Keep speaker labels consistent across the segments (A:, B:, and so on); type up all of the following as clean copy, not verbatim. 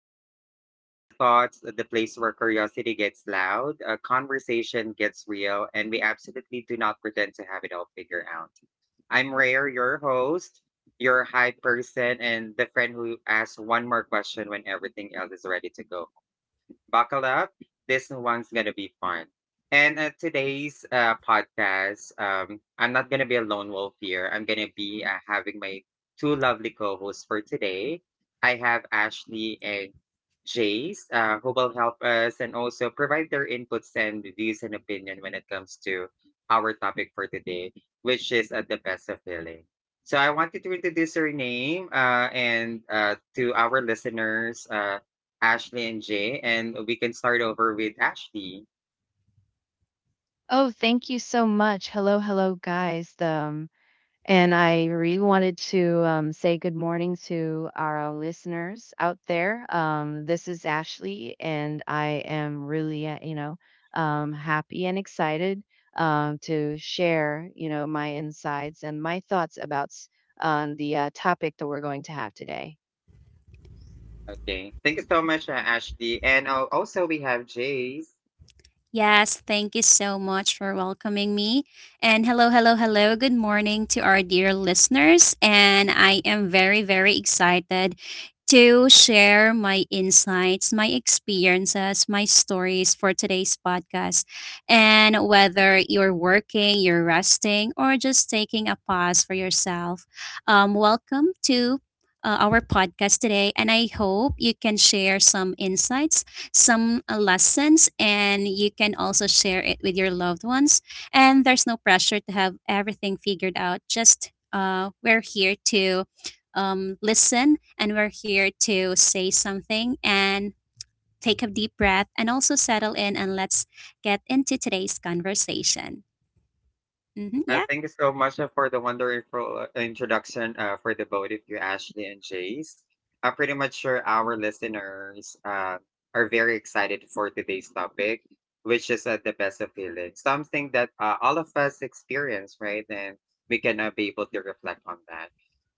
A: Welcome to Rare Thoughts, the place where curiosity gets loud, a conversation gets real, and we absolutely do not pretend to have it all figured out. I'm Rare, your host, your hype person, and the friend who asks one more question when everything else is ready to go. Buckle up. This one's gonna be fun. And today's podcast, I'm not gonna be a lone wolf here. I'm gonna be having my two lovely co-hosts for today. I have Ashley and Jace, who will help us and also provide their inputs and views and opinion when it comes to our topic for today, which is at the best of healing. So I wanted to introduce her name and to our listeners. Ashley and Jay, and we can start over with Ashley.
B: Oh, thank you so much. Hello, hello, guys. And I really wanted to say good morning to our listeners out there. This is Ashley, and I am really, happy and excited to share, my insights and my thoughts on the topic that we're going to have today.
A: Okay. Thank you so much, Ashley. And Also, we have Jay's.
C: Yes, thank you so much for welcoming me. And hello, hello, hello. Good morning to our dear listeners. And I am very, very excited to share my insights, my experiences, my stories for today's podcast. And whether you're working, you're resting, or just taking a pause for yourself, welcome to our podcast today. And I hope you can share some insights, some lessons, and you can also share it with your loved ones. And there's no pressure to have everything figured out, just we're here to listen, and we're here to say something and take a deep breath and also settle in and let's get into today's conversation. Mm-hmm, yeah.
A: Thank you so much for the wonderful introduction for the both of you, Ashley and Jace. I'm pretty much sure our listeners are very excited for today's topic, which is the best of feeling, something that all of us experience, right? And we can be able to reflect on that.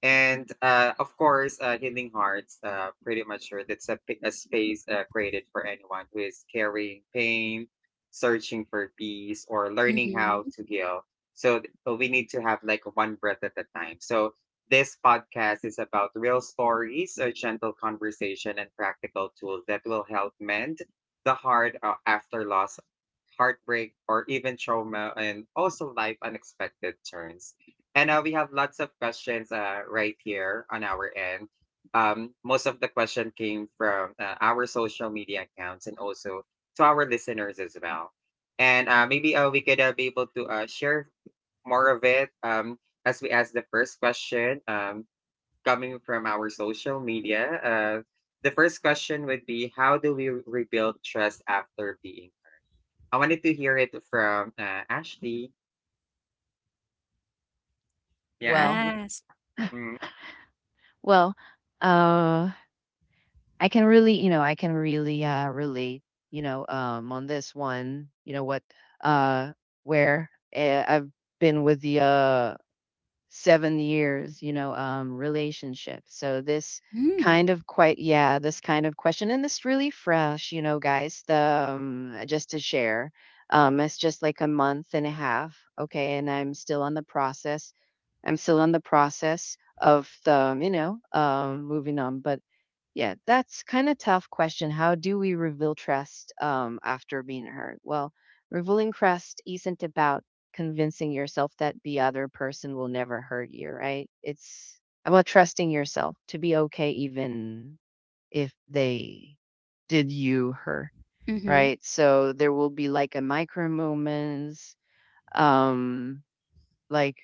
A: And Of course, Healing Hearts, pretty much sure that's a space created for anyone who is carrying pain, searching for peace, or learning how
C: Mm-hmm.
A: to heal, but we need to have like one breath at a time. So this podcast is about real stories, a gentle conversation, and practical tools that will help mend the heart after loss, heartbreak, or even trauma, and also life unexpected turns. And We have lots of questions right here on our end. Most of the question came from our social media accounts and also to our listeners as well. And maybe we could be able to share more of it as we ask the first question coming from our social media. The first question would be, how do we rebuild trust after being hurt? I wanted to hear it from Ashley. Yeah,
B: Well,
A: Ashley.
C: Yes.
A: Mm.
B: well, uh, I can really, I can really relate, on this one, you know what uh where I've been with the 7 years, relationship. So this kind
C: Mm.
B: of quite yeah, this kind of question and this really fresh, guys, the just to share. It's just like 1.5 months, okay, and I'm still on the process. I'm still on the process of moving on, but yeah, that's kind of tough question. How do we reveal trust after being hurt? Well, revealing trust isn't about convincing yourself that the other person will never hurt you, right? It's about trusting yourself to be okay even if they did you her,
C: Mm-hmm.
B: right? So there will be like a micro moments, um, like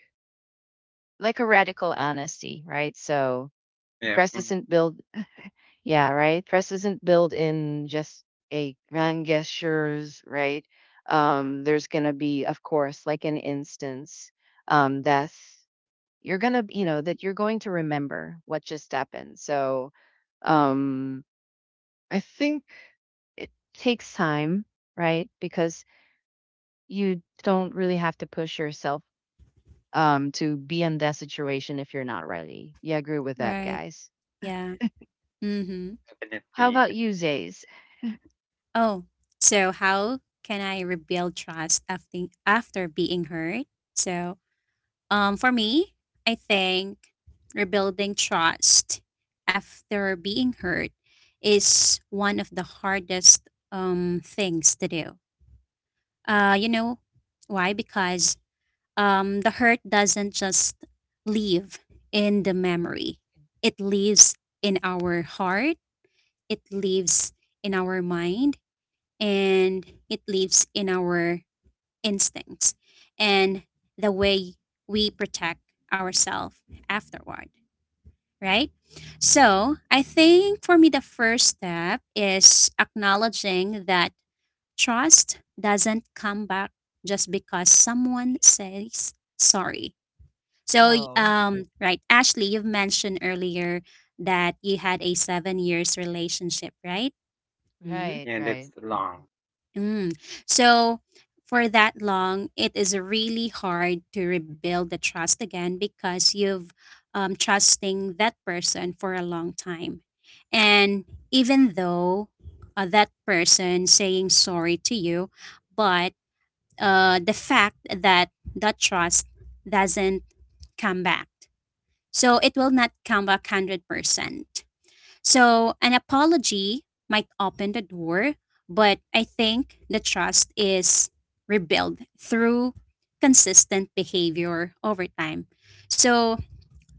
B: like a radical honesty, right? So
A: Yeah.
B: trust
A: Mm.
B: isn't built Yeah, right? Trust isn't built in just a grand gestures, right? There's gonna be, of course, like an instance, that's you're gonna, that you're going to remember what just happened. So, um, I think it takes time, right? Because you don't really have to push yourself to be in that situation if you're not ready. Yeah, I agree with that,
C: Right.
B: guys.
C: Yeah. Mm-hmm.
B: How
A: Definitely.
B: about you, Zays?
C: Oh, so how can I rebuild trust after being hurt? So for me, I think rebuilding trust after being hurt is one of the hardest things to do. You know why? Because the hurt doesn't just live in the memory, it lives in our heart, it lives in our mind, and it lives in our instincts and the way we protect ourselves afterward, right? So I think for me, the first step is acknowledging that trust doesn't come back just because someone says sorry. So,
B: Oh,
C: right, Ashley, you've mentioned earlier that you had a 7 years relationship, right? Mm-hmm.
B: right,
A: Yeah, and it's
B: right.
A: long.
C: Mm. So for that long, it is really hard to rebuild the trust again because you've trusting that person for a long time, and even though that person saying sorry to you, but the fact that trust doesn't come back, so it will not come back 100%. So, an apology might open the door, but I think the trust is rebuilt through consistent behavior over time. So,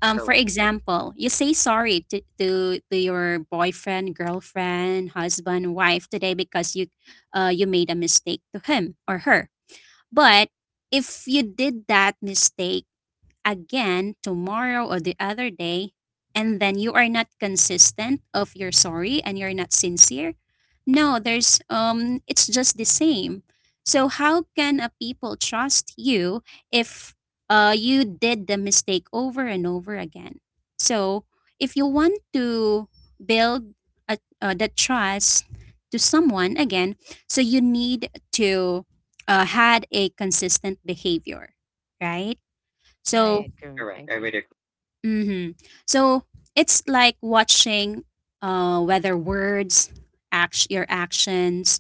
C: for
A: Correct.
C: example, you say sorry to, to your boyfriend, girlfriend, husband, wife today because you you made a mistake to him or her. But if you did that mistake again tomorrow or the other day and then you are not consistent of you're sorry and you're not sincere no
B: Mhm.
C: there's it's just the same. So how can a people trust you if you did the mistake over and over again? So if you want to build the trust to someone again, so you need to
A: Mm.
C: had a consistent behavior, right? So
B: Right. Agree. I
A: Correct. I
B: agree.
A: would agree.
C: mm-hmm. So it's like watching whether words, your actions,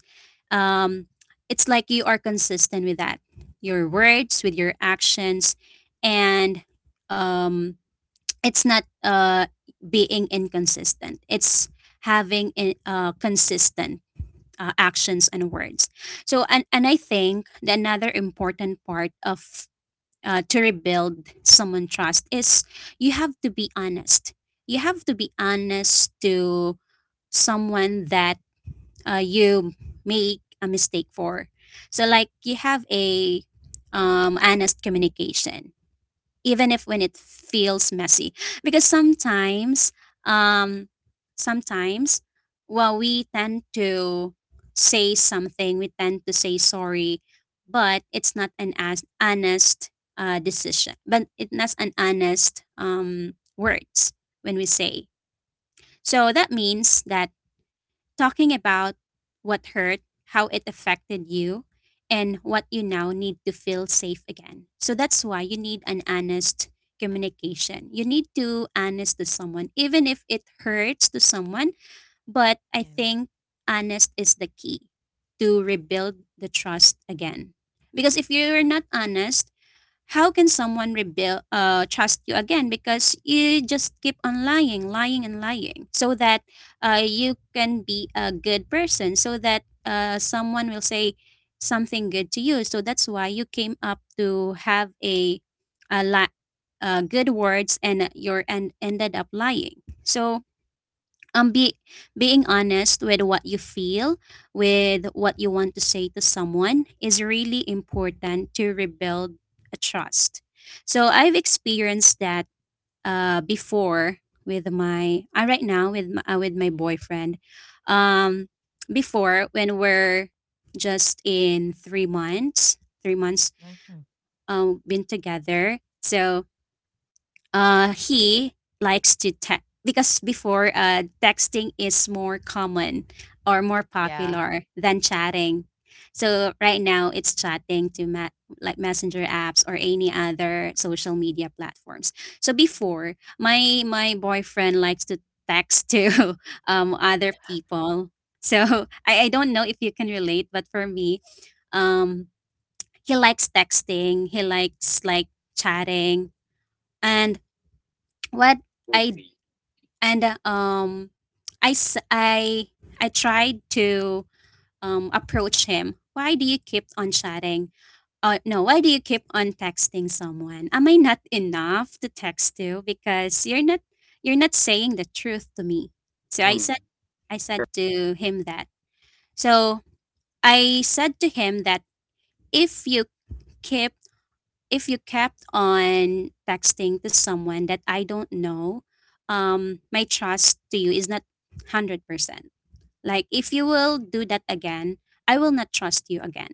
C: um, it's like you are consistent with that. Your words, with your actions, and um, it's not being inconsistent. It's having
A: Mm.
C: consistent actions and words. So, and I think the another important part of to rebuild someone trust is you have to be honest. You have to be honest to someone that you make a mistake for. So like you have a honest communication even if when it feels messy because sometimes um sometimes well we tend to say something, we tend to say sorry, but it's not an as honest decision but it's not an honest words when we say. So that means that talking about what hurt, how it affected you, and what you now need to feel safe again. So that's why you need an honest communication. You need to honest to someone, even if it hurts to someone. But I
B: Yeah.
C: think honest is the key to rebuild the trust again. Because if you're not honest, how can someone rebuild trust you again because you just keep on lying and lying so that you can be a good person so that someone will say something good to you. So that's why you came up to have a li- good words and you're and ended up lying. So be being honest with what you feel, with what you want to say to someone is really important to rebuild a trust. So I've experienced that before with my right now with my boyfriend. um Before when we're just in 3 months
B: Mhm.
C: been together, so he likes to text because before texting is more common or more
B: Yeah.
C: popular than chatting. So right now it's chatting to like messenger apps or any other social media platforms. So before my boyfriend likes to text to other people. So I don't know if you can relate, but for me, um, he likes texting. He likes like chatting. And what
A: So
C: I
A: sweet.
C: and I s- I tried to approach him. Why do you keep on chatting? No, why do you keep on texting someone? Am I not enough to text you because you're not saying the truth to me? So
A: Mm,
C: I said to him that. So I said to him that if you keep if you kept on texting to someone that I don't know, my trust to you is not 100%. Like, if you will do that again, I will not trust you again.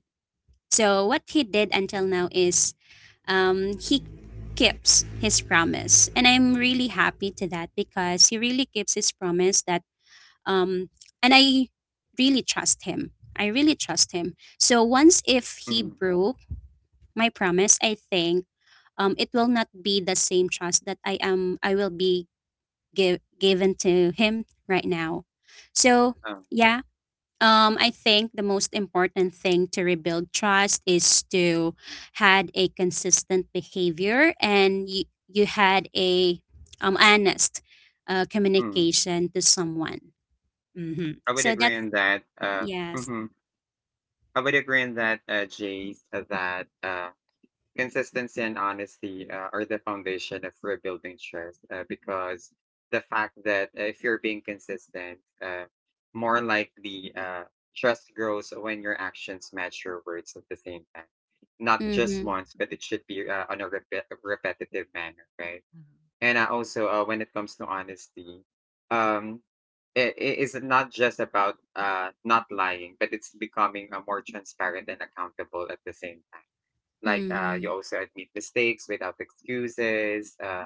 C: So, what he did until now
B: Mhm.
C: is he keeps his promise. And I'm really happy to that because he really keeps his promise that, um, and I really trust him. I really trust him. So, once if he
A: mm,
C: broke my promise, I think it will not be the same trust that I will be given to him right now. So
A: um,
C: yeah, I think the most important thing to rebuild trust is to had a consistent behavior and you had a honest
A: mm.
C: communication to someone. Mm-hmm.
A: I would
C: So
A: agree
C: that's
A: in that.
C: yes.
A: Mhm. I would agree in that, Jace, that. Consistency and honesty are the foundation of rebuilding trust because the fact that if you're being consistent, more likely trust grows when your actions match your words at the same time. Not just
C: Mm-hmm.
A: once, but it should be on a repetitive manner, right?
B: Mhm.
A: And also, when it comes to honesty, um, it is not just about not lying, but it's becoming more transparent and accountable at the same time, like
C: Mm-hmm.
A: you also admit mistakes without excuses,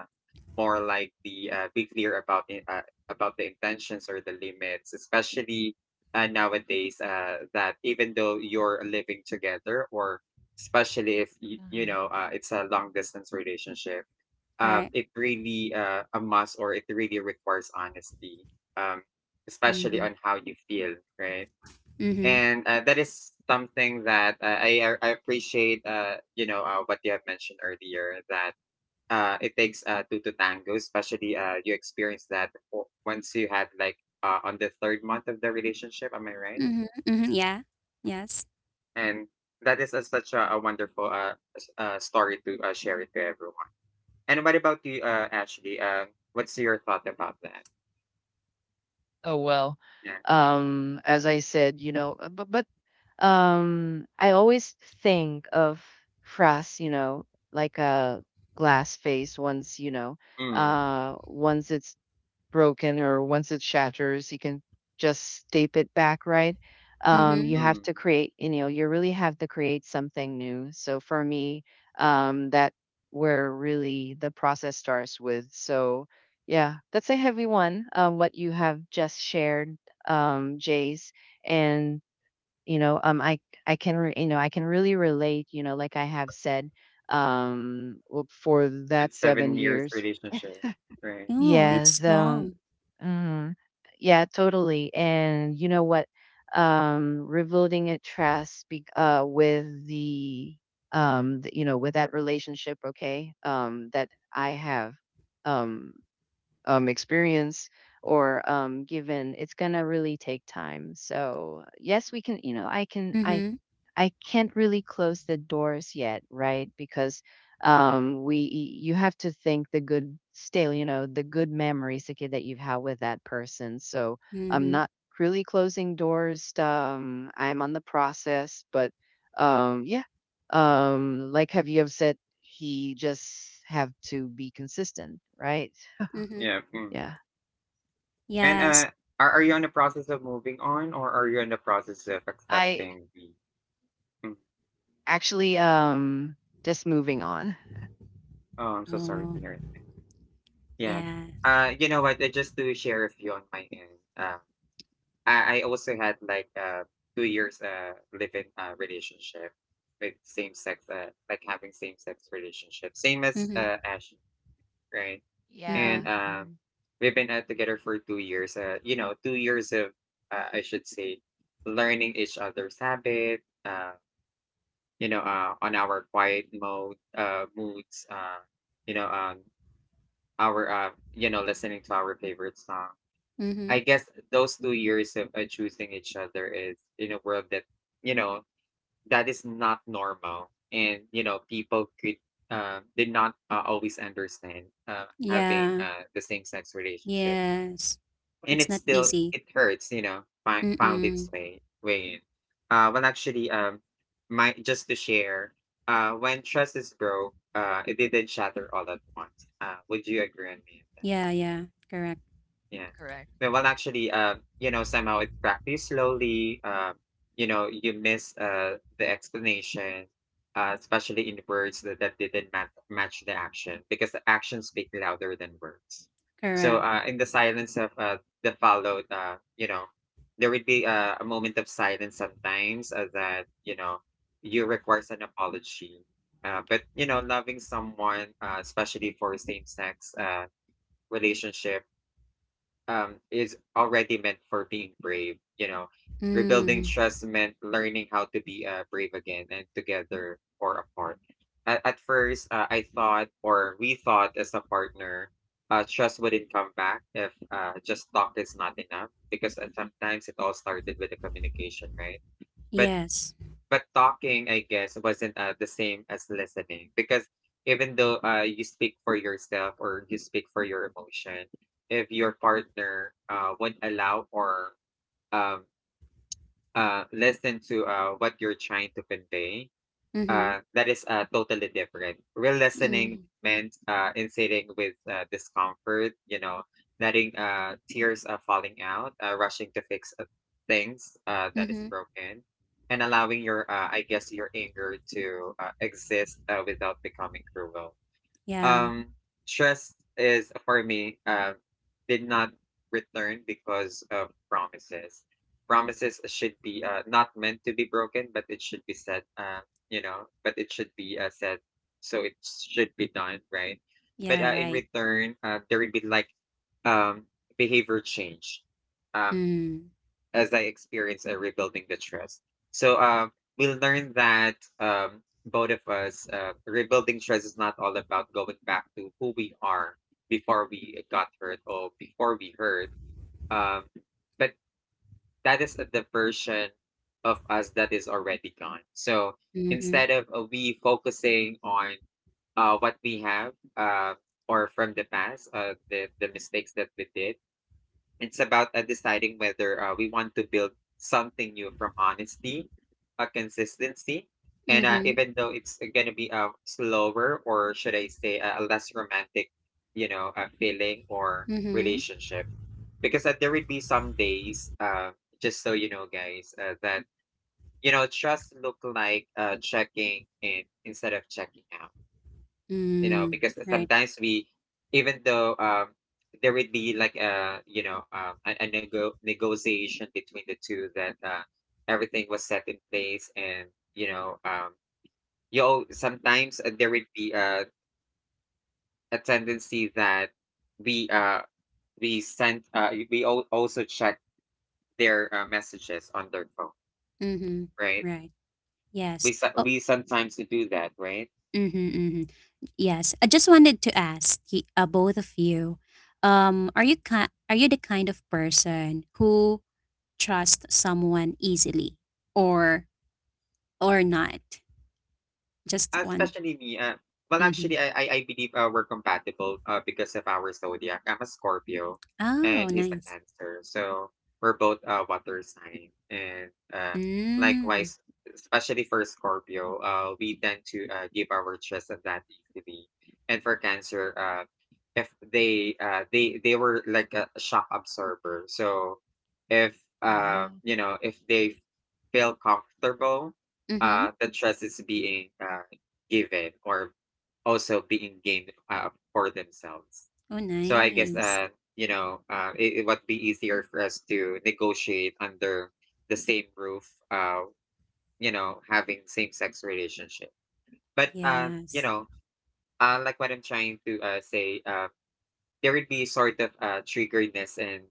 A: more like the be clear about it, about the intentions or the limits, especially nowadays that even though you're living together, or especially if you, you
B: Mhm.
A: know, it's a long distance relationship,
C: Right.
A: it really a must, or it really requires honesty, um,
C: Mm-hmm.
A: especially on how you feel, right?
C: Mm-hmm.
A: And that is something that I appreciate. You know what you have mentioned earlier, that it takes two to tango, especially you experience that once you had like on the third month of the relationship. Am I right?
C: Mm-hmm. Mm-hmm. Yeah. Yes.
A: And that is a, such a wonderful story to share it to everyone. And what about you, Ashley? What's your thought about that?
B: Oh, well.
A: Yeah.
B: As I said, you know, but I always think of frass, you know, like a glass face once, you know,
A: Mm,
B: once it's broken or once it shatters, you can just stape it back, right?
C: Mm-hmm.
B: You have
A: mm.
B: to create, you know, you really have to create something new. So for me, that where really the process starts with. So yeah, that's a heavy one. What you have just shared, Jace, and you know, um, I I you know I can really relate. You know, like I have said, for
A: With
B: that seven
A: 7 years
B: years.
A: relationship, right?
C: Oh, it's
B: Yes,
C: long.
B: mhm. Yeah, totally. And you know what? Rebuilding a trust with the, you know, with that relationship, okay, that I have, um, experience or given, it's gonna really take time. So yes, we can, you know,
C: Mhm.
B: I can't really close the doors yet, right? Because we you have to think the good still, you know, the good memories okay, that you've had with that person. So I'm
C: Mhm.
B: not really closing doors. Um, I'm on the process, but um, yeah. Um, like have you have said he just have to be consistent, right?
C: Mhm.
A: Yeah. Mm.
B: Yeah.
A: And,
C: Yes.
A: are you in the process of moving on, or are you in the process of
B: I
A: accepting the… Mm.
B: actually just moving on.
A: Oh, I'm so sorry
C: Oh,
A: to hear that. Yeah.
C: yeah.
A: You know what? Just to share with you on my end, uh, I also had like 2 years live-in relationship with same sex, like having same sex relationship, same as
C: Mhm.
A: Ash, right? And
B: Yeah,
C: Mhm.
B: mhm,
A: we've been together for 2 years. You know, 2 years of I should say learning each other's habit, you know, on our quiet mode, moods, you know, our you know, listening to our favorite song. I
C: Mhm.
A: guess those 2 years of choosing each other is in a world that, you know, that is not normal. And, you know, people could, did not always understand having
C: Yeah.
A: the same sex relationship,
C: Yes.
A: and
C: It's
A: it
C: not
A: still
C: easy.
A: it hurts, you know, found
C: Mm-mm.
A: its way in. Well actually my just to share, when trust is broke, it didn't shatter all at once. Would you agree on me?
C: Yeah, yeah. Correct.
A: Yeah.
B: correct.
A: Yeah, well, actually, you know, somehow it practice slowly. You know, you miss the explanation, especially in words that, that didn't match the action, because the actions speak louder than words. So,
C: Correct.
A: in the silence of the followed, you know, there would be a moment of silence sometimes that, you know, you requires an apology. But, you know, loving someone, especially for same sex relationship, is already meant for being brave. You know, rebuilding
C: Mm.
A: trust meant learning how to be brave again and together or apart. At first, I thought, or we thought as a partner, trust wouldn't come back if just talk is not enough, because sometimes it all started with the communication, right? But
C: Yes.
A: but talking, I guess, wasn't the same as listening, because even though you speak for yourself or you speak for your emotion, if your partner would allow or um, listen to what you're trying to convey,
C: Mhm.
A: that is totally different. Real listening
C: Mhm.
A: meant insidating with discomfort, you know, letting tears falling out, rushing to fix things that is
C: Mhm.
A: broken, and allowing your, I guess, your anger to exist without becoming cruel.
C: Yeah.
A: Um, Trust is for me did not return because of promises. Promises should be not meant to be broken, but it should be said. You know, but it should be said, so it should be done right. But
C: Yeah,
A: in
C: right.
A: return, there would be like um, behavior change. Um,
C: Mm.
A: as I experience rebuilding the trust. So we learned that both of us, rebuilding trust is not all about going back to who we are before we got hurt or before we hurt. Um, but that is the version of us that is already gone. So instead
C: Mhm.
A: of we focusing on what we have or from the past, the mistakes that we did, it's about deciding whether we want to build something new from honesty, consistency, and
C: Mhm.
A: even though it's going to be a slower, or should I say a less romantic, you know, feeling or
C: Mhm.
A: relationship, because there would be some days, just so you know, guys, that you know trust look like checking in instead of checking out, you know,
C: Mm.
A: because
C: Right.
A: sometimes we, even though there would be like a, you know, a negotiation between the two that everything was set in place, and you know you sometimes there would be a tendency that we uh we sent, also check their messages on their phone,
C: Mhm.
A: right?
C: Right. Yes. Oh.
A: We sometimes do that, right?
C: Mhm. Mhm. Yes, I just wanted to ask both of you, are you are you the kind of person who trusts someone easily, or not? Just one.
A: Especially me, well,
C: Mm-hmm.
A: actually, I believe we're compatible because of our zodiac. I'm a Scorpio,
C: Oh,
A: and he's a
C: nice.
A: Cancer, so we're both water sign. And
C: Mm.
A: Likewise, especially for Scorpio, we tend to give our trust on that easily. And for Cancer, if they they were like a shock absorber, so if
B: Wow.
A: you know if they feel comfortable,
C: Mm-hmm.
A: the trust is being given or also being gained for themselves.
C: Oh,
A: So I guess
C: nice.
A: you know it would be easier for us to negotiate under the same roof. Having same sex relationship, but
C: Yes.
A: like what I'm trying to say, there would be sort of triggeredness and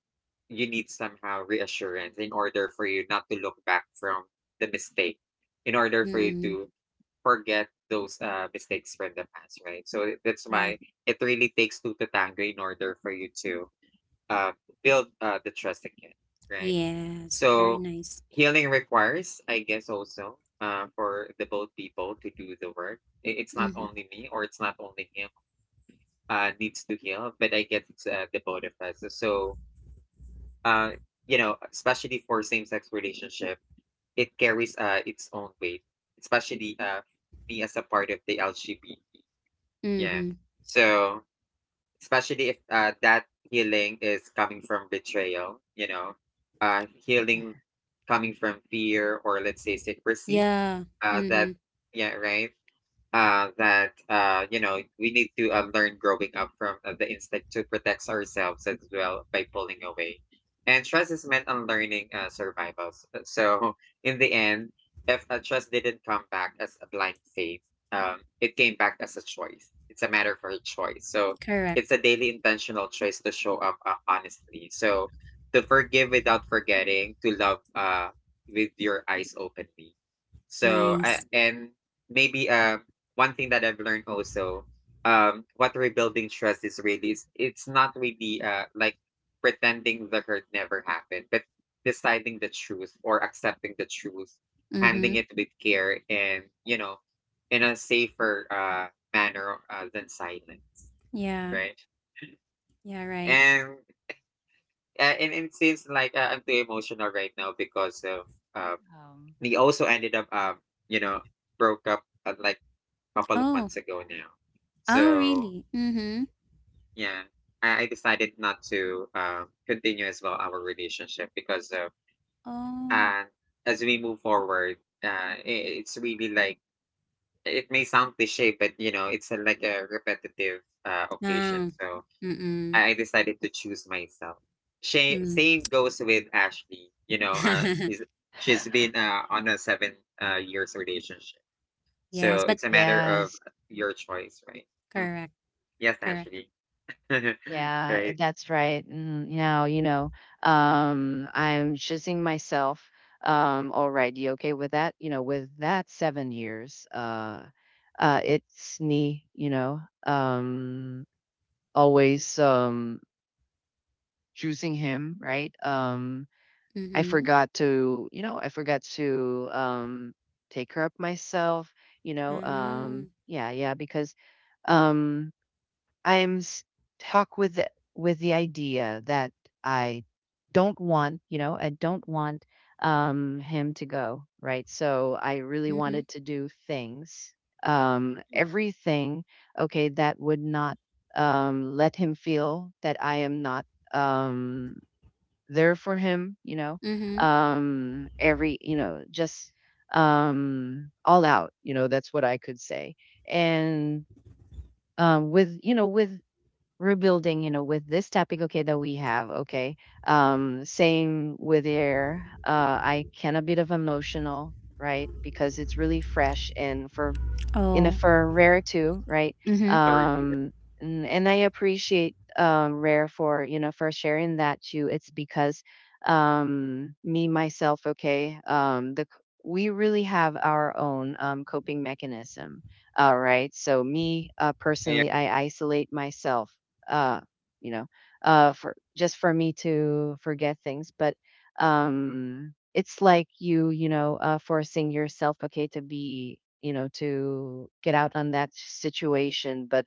A: you need somehow reassurance in order for you not to look back from the mistake in order for you
C: Mm.
A: to forget those mistakes from the past, right? So that's why
C: Right.
A: it really takes two to tango in order for you to uh, build the trust again, right?
C: Yes. Very
A: So
C: nice.
A: healing requires, I guess, also for the both people to do the work. It's not
C: Mm-hmm.
A: only me or it's not only him needs to heal, but I get the both of us. So, uh, especially for same-sex relationship, it carries its own weight, especially me as a part of the LGBT. Yeah.
C: Mm-hmm.
A: So, especially if that healing is coming from betrayal, healing coming from fear or let's say secrecy,
C: Yeah.
A: that,
C: Mm-hmm.
A: yeah, right? That, we need to learn growing up from the instinct to protect ourselves as well by pulling away, and trust is meant on learning survivals. So in the end, if a trust didn't come back as a blind faith, it came back as a choice. It's a matter for a choice. So
C: Correct.
A: it's a daily intentional choice to show up honestly. So to forgive without forgetting, to love with your eyes openly. So I,
C: Nice.
A: and maybe one thing that I've learned also, what rebuilding trust is really is it's not really like pretending the hurt never happened, but deciding the truth or accepting the truth, handling
C: Mm-hmm.
A: it with care and in a safer manner than silence,
C: Yeah.
A: right?
C: Yeah. Right.
A: And and it seems like I'm too emotional right now because of, uh,
B: Um.
A: we also ended up, you know broke up, like couple of
C: Oh.
A: months ago now.
C: Oh,
A: So
C: really? Mhm.
A: yeah, I decided not to continue as well our relationship because of,
C: Oh.
A: and as we move forward, I it's really like it may sound cliche, but it's a, like a repetitive occasion.
C: Wow.
A: So
C: Mm-mm.
A: I decided to choose myself. She,
C: Mm.
A: same goes with Ashley. He's, she's been on a 7 years relationship. So
C: Yes,
A: it's
C: but
A: a matter of
B: Yes.
A: your choice, right? Mm.
C: correct.
A: Yes,
C: Correct.
A: Ashley.
B: Yeah,
A: Right.
B: eh, that's right. Mm, now, you know, I'm choosing myself um, all right. You okay, with that, you know, with that 7 years, it's me, you know, um, always choosing him, right? Um, I
C: Mhm.
B: forgot to, you know, I forgot to take care of myself, you know,
C: Oh.
B: yeah, yeah, because um I'm stuck with the idea that I I don't want him to go, right? So I really wanted
C: Mhm.
B: to do things,
A: Mm.
B: everything, okay, that would not let him feel that I am not um, there for him, you know,
C: Mhm.
B: every, you know, just all out, you know, that's what I could say. And with rebuilding, you know, with this topic, okay, that we have, okay. Same with air. I can a bit of emotional, right? Because it's really fresh and for in a
C: Oh.
B: for Rare too, right?
C: Mhm.
A: Sorry to hear.
B: Um, and I appreciate Rare for for sharing that too. It's because me myself, okay, we really have our own coping mechanism. All right, so me
A: Yeah,
B: personally, I isolate myself. Uh, you know, for just for me to forget things, but it's like forcing yourself okay to be to get out on that situation but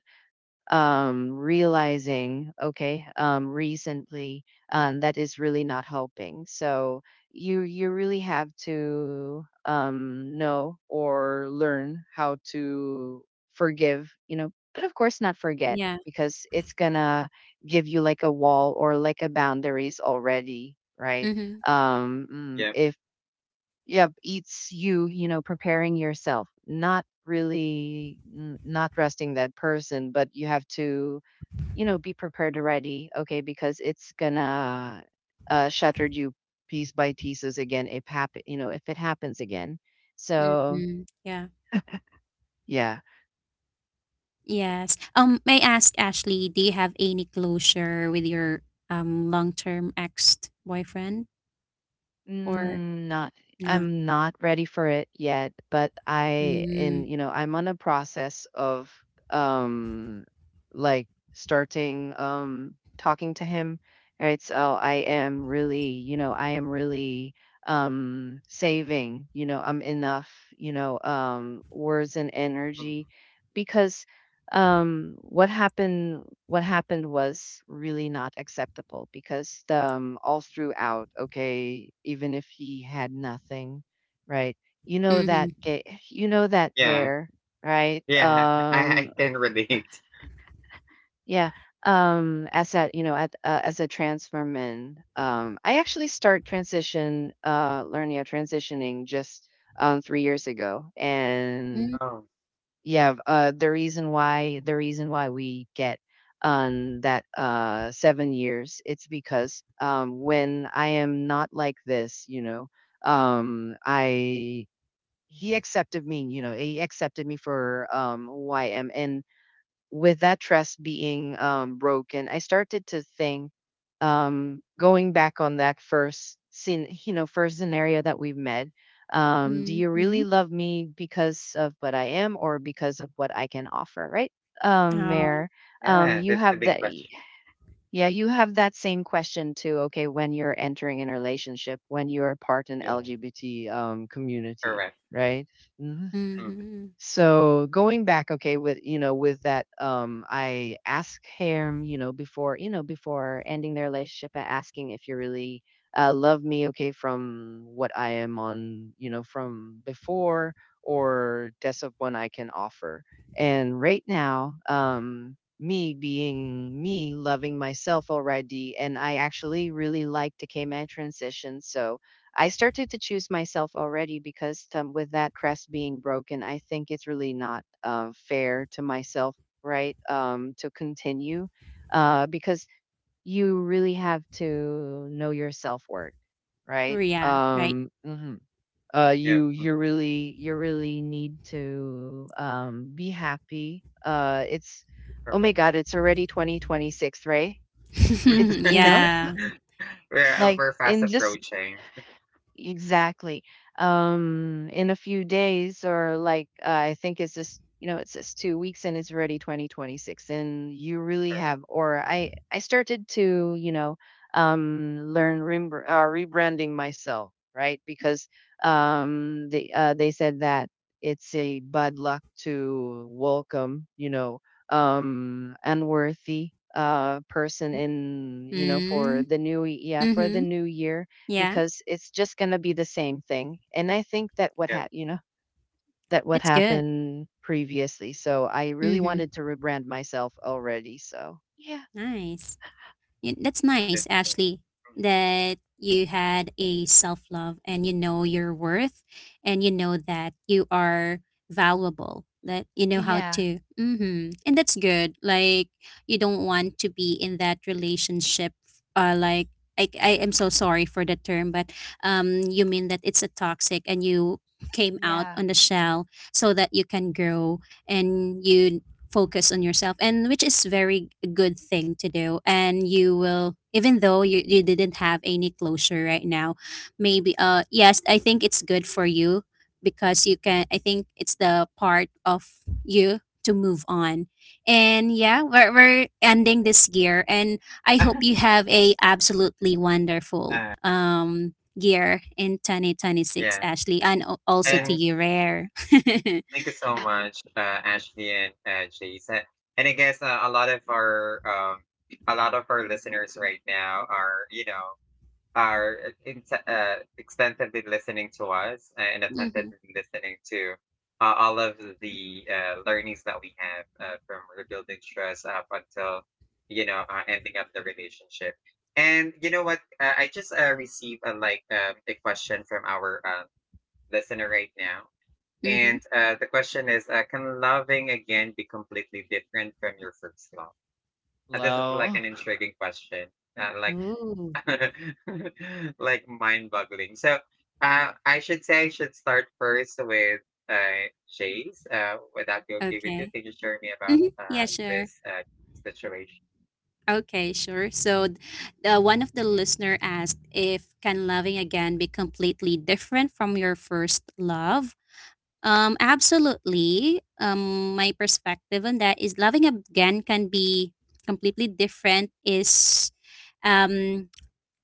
B: realizing okay recently that is really not helping so you really have to know or learn how to forgive you know but of course not forget
C: Yeah.
B: because it's gonna give you like a wall or like a boundaries already right
C: Mhm.
A: yeah.
B: if yeah, eats you, you know, preparing yourself, not really not resting that person, but you have to, you know, be prepared already, okay, because it's gonna shatter you piece by pieces again if happen, you know, if it happens again. So,
C: Mhm. Yeah.
B: yeah,
C: Yes. May I ask Ashley, do you have any closure with your long-term ex-boyfriend or
B: mm, not
C: not?
B: I'm not ready for it yet, but I
C: Mm.
B: in you know, I'm on a process of um like starting talking to him. Right. So I am really, you know, I am really saving, you know, I'm enough, you know, um, words and
A: Mm.
B: energy because what happened was really not acceptable because the, um, all throughout okay even if he had nothing right you know that
C: Mhm.
B: gay you know that
A: Yeah,
B: rare right
A: yeah, I can relate.
B: yeah as a you know at, as a transfer man I actually start transition learning of transitioning just 3 years ago and
C: Mhm.
A: Oh,
B: yeah, the reason why we get on that 7 years, it's because when I am not like this, you know, I he accepted me, you know, he accepted me for who I am, and with that trust being broken, I started to think, going back on that first scene, you know, first scenario that we've met. Do you really
C: Mhm.
B: love me because of what I am or because of what I can offer, right? Mayor,
C: Oh.
A: yeah,
B: you
A: that's a
B: have
A: big
B: that,
A: question.
B: yeah, you have that same question too. Okay, when you're entering in a relationship, when you're a part in
A: Yeah,
B: LGBT community,
A: correct.
B: right? Mm-hmm.
A: Mm.
C: Mhm.
B: So going back, okay, with you know, with that, I ask him, you know, before ending their relationship, I asking if you really love me, okay, from what I am on, you know, from before, or that's of one I can offer. And right now, me being me, loving myself already, and I actually really like the K-Man transition, so I started to choose myself already because with that crest being broken, I think it's really not fair to myself, right? To continue because you really have to know your self worth, right?
C: Yeah, right.
B: Hmm,
A: Yeah. Mm,
B: you really need to be happy. It's oh my
A: correct.
B: God, it's already 2026, right? It's you
A: Yeah.
B: know
C: Yeah.
A: We're
B: like
A: we're fast
B: in just
A: approaching.
B: exactly. In a few days, or like I think it's just you know it's just 2 weeks and it's already 2026, and you really
A: Correct.
B: have. Or I started to you know learn rembr rebranding myself, right? Because they said that it's a bad luck to welcome unworthy person in you know for
C: Mm.
B: the yeah for the
C: Mhm.
B: new year
C: Yeah.
B: because it's just gonna be the same thing. And I think that what
A: Yep,
B: had you know, that what
C: It's good.
B: happened previously. So I really
C: Mhm.
B: wanted to rebrand myself already. So yeah.
C: Nice. That's
A: that's
C: nice,
A: true.
C: Ashley, that you had a self love and you know your worth and you know that you are valuable, that you know how
B: Yeah.
C: to. Hmm. And that's good. Like, you don't want to be in that relationship. Like, I am so sorry for the term, but you mean that it's a toxic and you came out
B: Yeah.
C: on the shell so that you can grow and you focus on yourself, and which is very good thing to do. And you will, even though you didn't have any closure right now, maybe yes, I think it's good for you because you can, I think it's the part of you to move on. And yeah, we're ending this year, and I hope
A: Mm.
C: you have a absolutely wonderful
A: Uh,
C: year in 2026,
A: yeah,
C: Ashley, and also
B: Yeah.
C: to
A: and
C: you, Rare.
A: thank you so much, Ashley and Jason. And I guess a lot of our listeners right now are, are ex extensively listening to us and
C: Mm-hmm,
A: attentively listening to all of the learnings that we have from rebuilding trust up until ending up the relationship. And you know what? I just received a like a question from our listener right now, and the question is: can loving again be completely different from your first love? This is like
B: Low.
A: an intriguing question. Like
C: mm-hmm.
A: like mind-boggling. So, I should say I should start first with Shay's. Would that be okay with you?
C: Okay.
A: Can you share me about
C: Hmm. Yeah, sure.
A: this situation?
C: Okay, sure. So, one of the listener asked if can loving again be completely different from your first love? Absolutely. My perspective on that is loving again can be completely different. Is um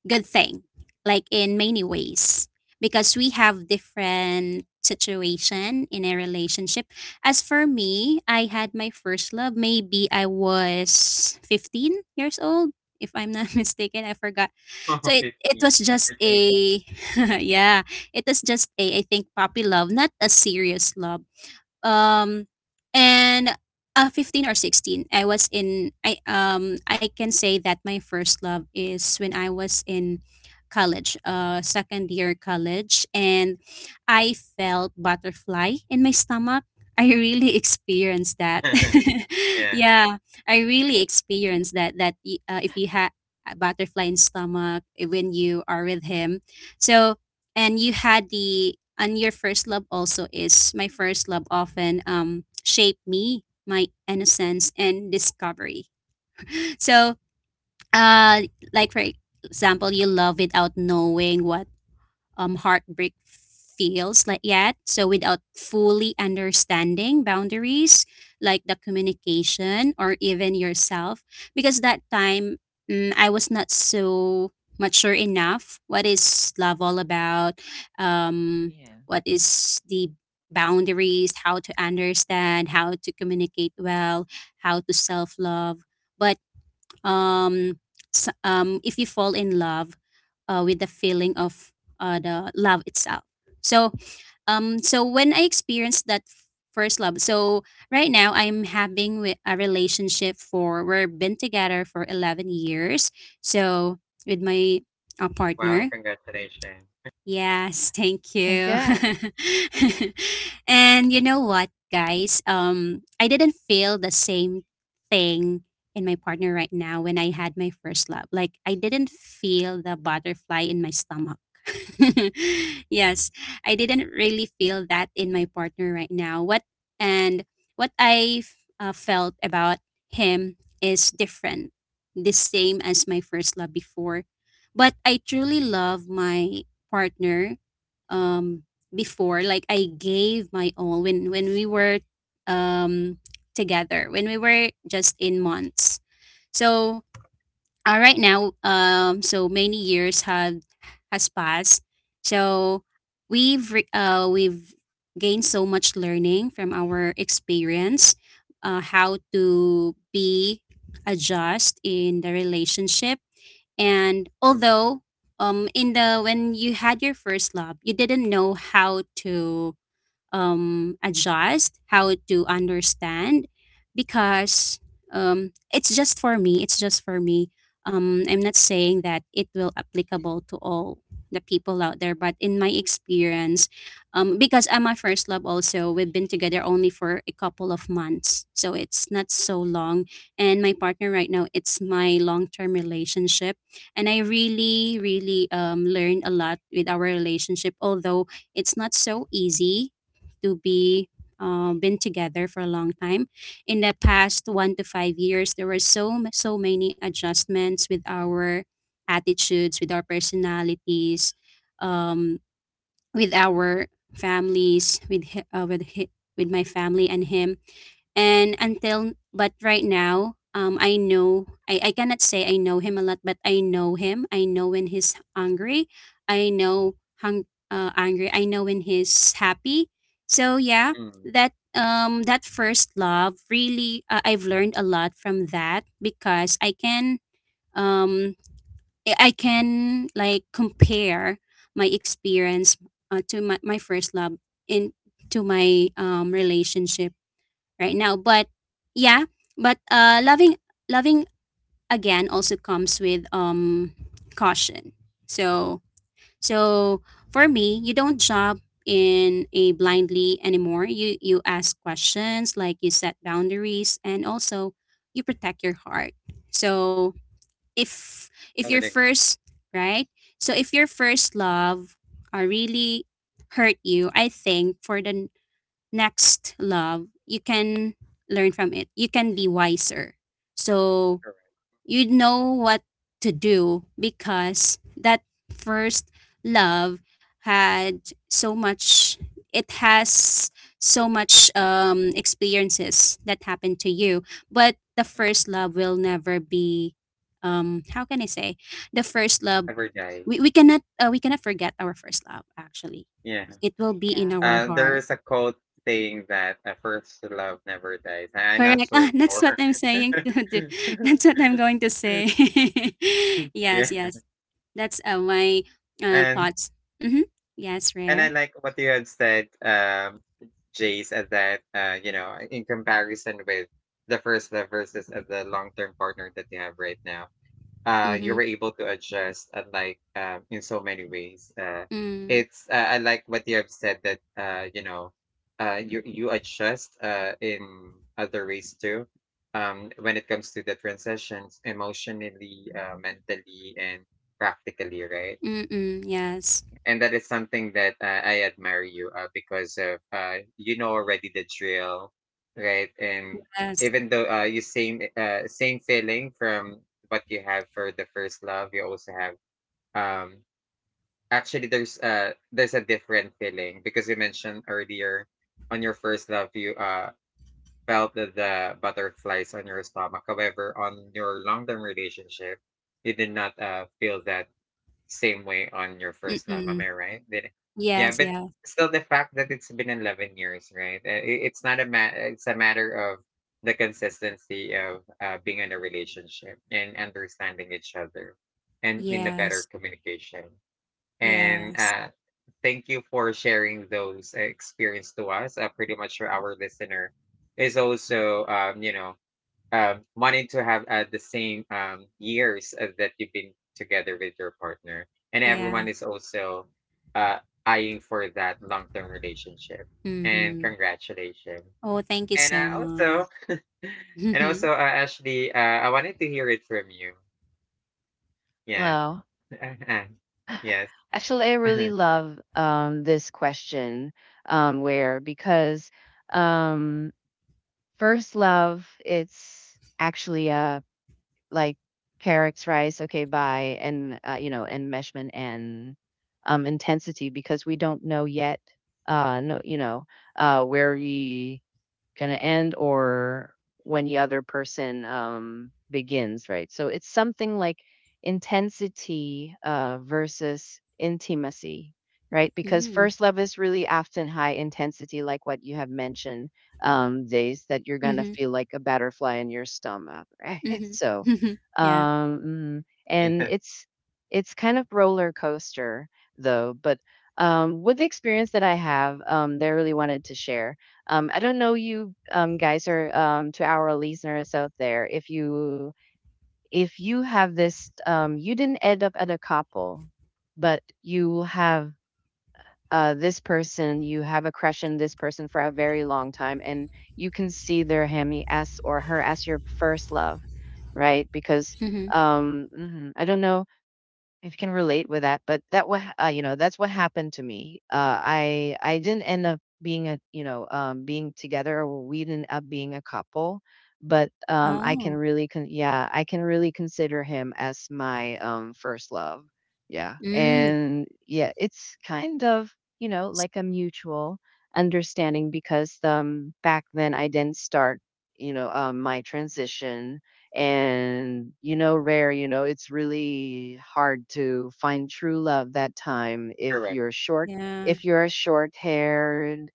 C: good thing, like in many ways, because we have different situation in a relationship. As for me, I had my first love. Maybe I was 15 years old, if I'm not mistaken. I forgot. So
A: Oh,
C: it was
A: 15.
C: just
A: That's me.
C: a, yeah, it was just a, I think, puppy love, not a serious love. Um and 15 or 16, I was in I I can say that my first love is when I was in college, uh, second year college, and I felt butterfly in my stomach. I really experienced that.
A: Yeah.
C: Yeah, I really experienced that, that if you have butterfly in stomach, eh, when you are with him. So and you had the and your first love also is my first love, often um, shaped me, my innocence and discovery. So uh like for example you love without knowing what heartbreak feels like yet. So without fully understanding boundaries, like the communication or even yourself, because that time mm, I was not so mature enough. What is love all about? Um,
B: Yeah.
C: what is the boundaries? How to understand? How to communicate well? How to self love? But um, if you fall in love with the feeling of the love itself. So so when I experienced that first love, so right now I'm having a relationship for we've been together for 11 years. So with my
A: Wow.
C: partner.
A: Congratulations.
C: Yes, thank you.
B: Congrats.
C: And you know what, guys? I didn't feel the same thing in my partner right now when I had my first love. Like I didn't feel the butterfly in my stomach. Yes, I didn't really feel that in my partner right now. What and what I felt about him is different, the same as my first love before. But I truly love my partner um before, like I gave my all when when we were um together, when we were just in months. So right now, so many years had has passed, so we've gained so much learning from our experience, how to be adjust in the relationship. And
A: Mm.
C: although in the when you had your first love, you didn't know how to adjust, how to understand, because it's just for me. It's just for me. I'm not saying that it will applicable to all the people out there, but in my experience, because I'm my first love also, we've been together only for a couple of months, so it's not so long. And my partner right now, it's my long term relationship, and I really, really learned a lot with our relationship, although it's not so easy to be been together for a long time. In the past 1 to 5 years, there were so many adjustments with our attitudes, with our personalities, um, with our families, with my family and him. And until but right now I know. I cannot say I know him a lot, but I know him. I know when he's hungry. I know hung angry. I know when he's happy. So yeah,
A: Mm.
C: that first love really, I've learned a lot from that, because I can um I can like compare my experience to my first love in to my relationship right now. But yeah, but loving loving again also comes with caution. So so for me, you don't jump in a blindly anymore. You ask questions, like you set boundaries, and also you protect your heart. So if if
A: I
C: your
A: would agree.
C: first right, so if your first love are really hurt you, I think for the next love you can learn from it. You can be wiser, so
A: Correct.
C: you know what to do, because that first love had so much, it has so much experiences that happened to you. But the
A: Mm.
C: first love will never be how can I say, the first love,
A: Never dies.
C: we cannot we cannot forget our first love actually.
A: Yeah.
C: It will be in
B: Yeah.
C: our
A: There
C: heart.
A: is a quote saying that a first love never dies. I'm not
C: Correct.
A: so
C: Ah, that's what
A: sure.
C: I'm saying to do. That's what I'm going to say. Yes,
A: Yeah.
C: yes. That's my
A: And
C: thoughts. Mm-hmm. Yes,
A: and
C: rare.
A: I like what you had said, Jace, at that, in comparison with the first love versus the long term partner that you have right now,
C: Mm-hmm.
A: you were able to adjust, like, in so many ways.
C: Mm.
A: It's, I like what you have said that, you adjust in other ways too. When it comes to the transitions emotionally, mentally, and practically, right?
C: Mm-mm. Yes.
A: And that is something that I admire you because of, you know already the drill, right? And
C: Yes.
A: even though you same same feeling from what you have for the first love, you also have, um actually there's a different feeling because you mentioned earlier on your first love you felt the butterflies on your stomach. However, on your long term relationship, you did not feel that same way on your first love, am
C: Mm-mm.
A: I right? Did Yeah,
C: Yes,
A: but
C: yeah.
A: still the fact that it's been 11 years, right? I- It's not a ma- It's a matter of the consistency of being in a relationship and understanding each other and in a
C: Yes.
A: better communication. And
C: Yes.
A: thank you for sharing those experience to us. Pretty much our listener is also, wanting to have the same years that you've been together with your partner, and
C: Yeah.
A: everyone is also uh, eyeing for that long-term relationship. And
C: Mm-hmm.
A: congratulations.
C: Oh, thank you
A: And
C: so much.
A: also, and
C: Mm-hmm.
A: also, Ashley, I wanted to hear it from you. Yeah.
B: Hello.
A: Yes.
B: Actually, I really love this question where because um, first love, it's actually a like carrots, rice, okay, bye, and enmeshment and intensity because we don't know yet, no, you know, where we gonna end or when the other person begins right so it's something like intensity versus intimacy right because
C: Mm-hmm.
B: first love is really often high intensity like what you have mentioned days that you're gonna feel like a butterfly in your stomach right so
C: Mm-hmm. Yeah.
B: um mm, and
A: Yes.
B: it's kind of roller coaster though but with the experience that I have that I really wanted to share I don't know you guys or to our listeners out there if you have this you didn't end up at a couple, but you have this person you have a crush on this person for a very long time, and you can see their him as or her as your first love, right? Because
C: Mm-hmm.
B: mhm, I don't know, I can relate with that, but that's what happened to me. I didn't end up being a, being together, or we didn't up being a couple, but I
C: Oh.
B: can really consider him as my first love. Yeah,
C: Mm.
B: and yeah, it's kind of
C: s-
B: like a mutual understanding because back then I didn't start, my transition. And you know rare, you know, it's really hard to find true love that time if
A: Correct.
B: you're short,
C: Yeah.
B: if you're short haired,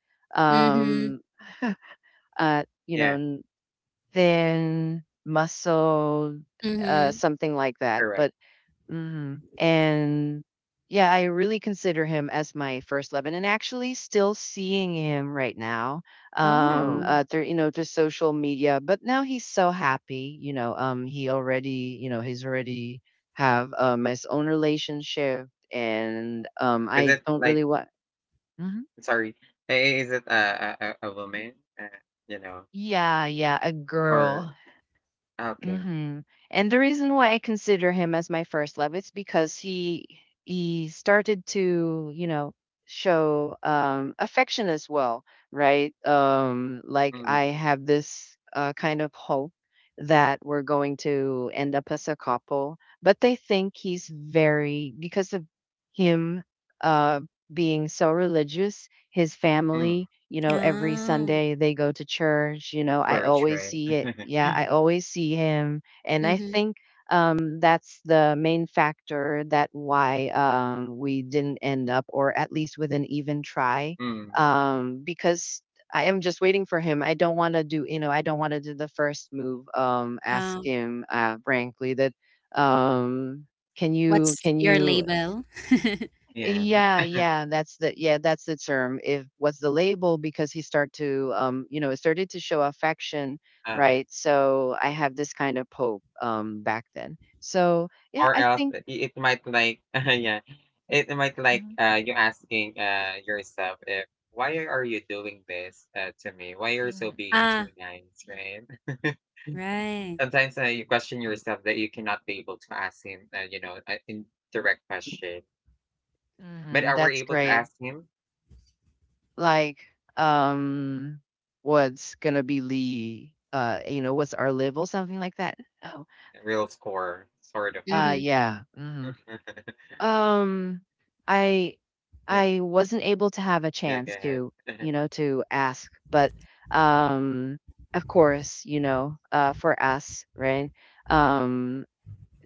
C: Mm-hmm.
B: um you know,
A: Yeah.
B: thin muscled,
C: Mm-hmm.
B: something like that,
A: Correct.
B: but Mhm. And yeah, I really consider him as my first love, and actually still seeing him right now,
A: Oh,
C: Oh.
B: through through social media. But now he's so happy, you know. He already, you know, he's already have his own relationship, and
A: is
B: I
A: it
B: don't
A: like?
B: really want. Mhm.
A: Sorry, is it a woman? You know,
B: Yeah, yeah, a
A: or,
B: girl.
A: okay.
B: Mhm. And the reason why I consider him as my first love is because he started to, you know, show affection as well, right? Like
A: Mm-hmm.
B: I have this kind of hope that we're going to end up as a couple, but they think he's very because of him, uh being so religious, his family,
A: Mm,
B: you know, every
C: Ah,
B: Sunday they go to church, you know, I
A: church,
B: always
A: right?
B: see it. Yeah, I always see him. And I
C: mhm.
B: think that's the main factor that why we didn't end up or at least with an even try,
A: Mm,
B: because I am just waiting for him. I don't want to do, you know, I don't want to do the first move. Ask
C: Oh,
B: him, frankly, that, um, can you,
C: what's
B: can
C: your
B: you
C: label?
A: yeah,
B: yeah, yeah, that's the term. If what's the label because he start to you know, it started to show affection,
A: uh,
B: right? So I have this kind of hope back then. So yeah,
A: or
B: I
A: else
B: think
A: I it might like, yeah, it might like,
B: Mhm.
A: you asking, yourself if, "Why are you doing this, to me? Why you're so
B: Yeah.
A: being too
C: Ah,
A: nice," right?
C: right.
A: Sometimes, you question yourself that you cannot be able to ask him, an indirect question, but
B: Mhm,
A: are we
B: that's
A: able to
B: great.
A: ask him?
B: Like, um, what's gonna be Lee? You know, what's our level? Something like that. Oh,
A: A Real score, sort of
C: Mhm.
B: yeah. Mhm.
A: that.
B: Um, I
A: Yeah,
B: I wasn't able to have a
A: yeah, go
B: chance
A: ahead.
B: to, you know, to ask, but um, of course, you know, for us, right? Um,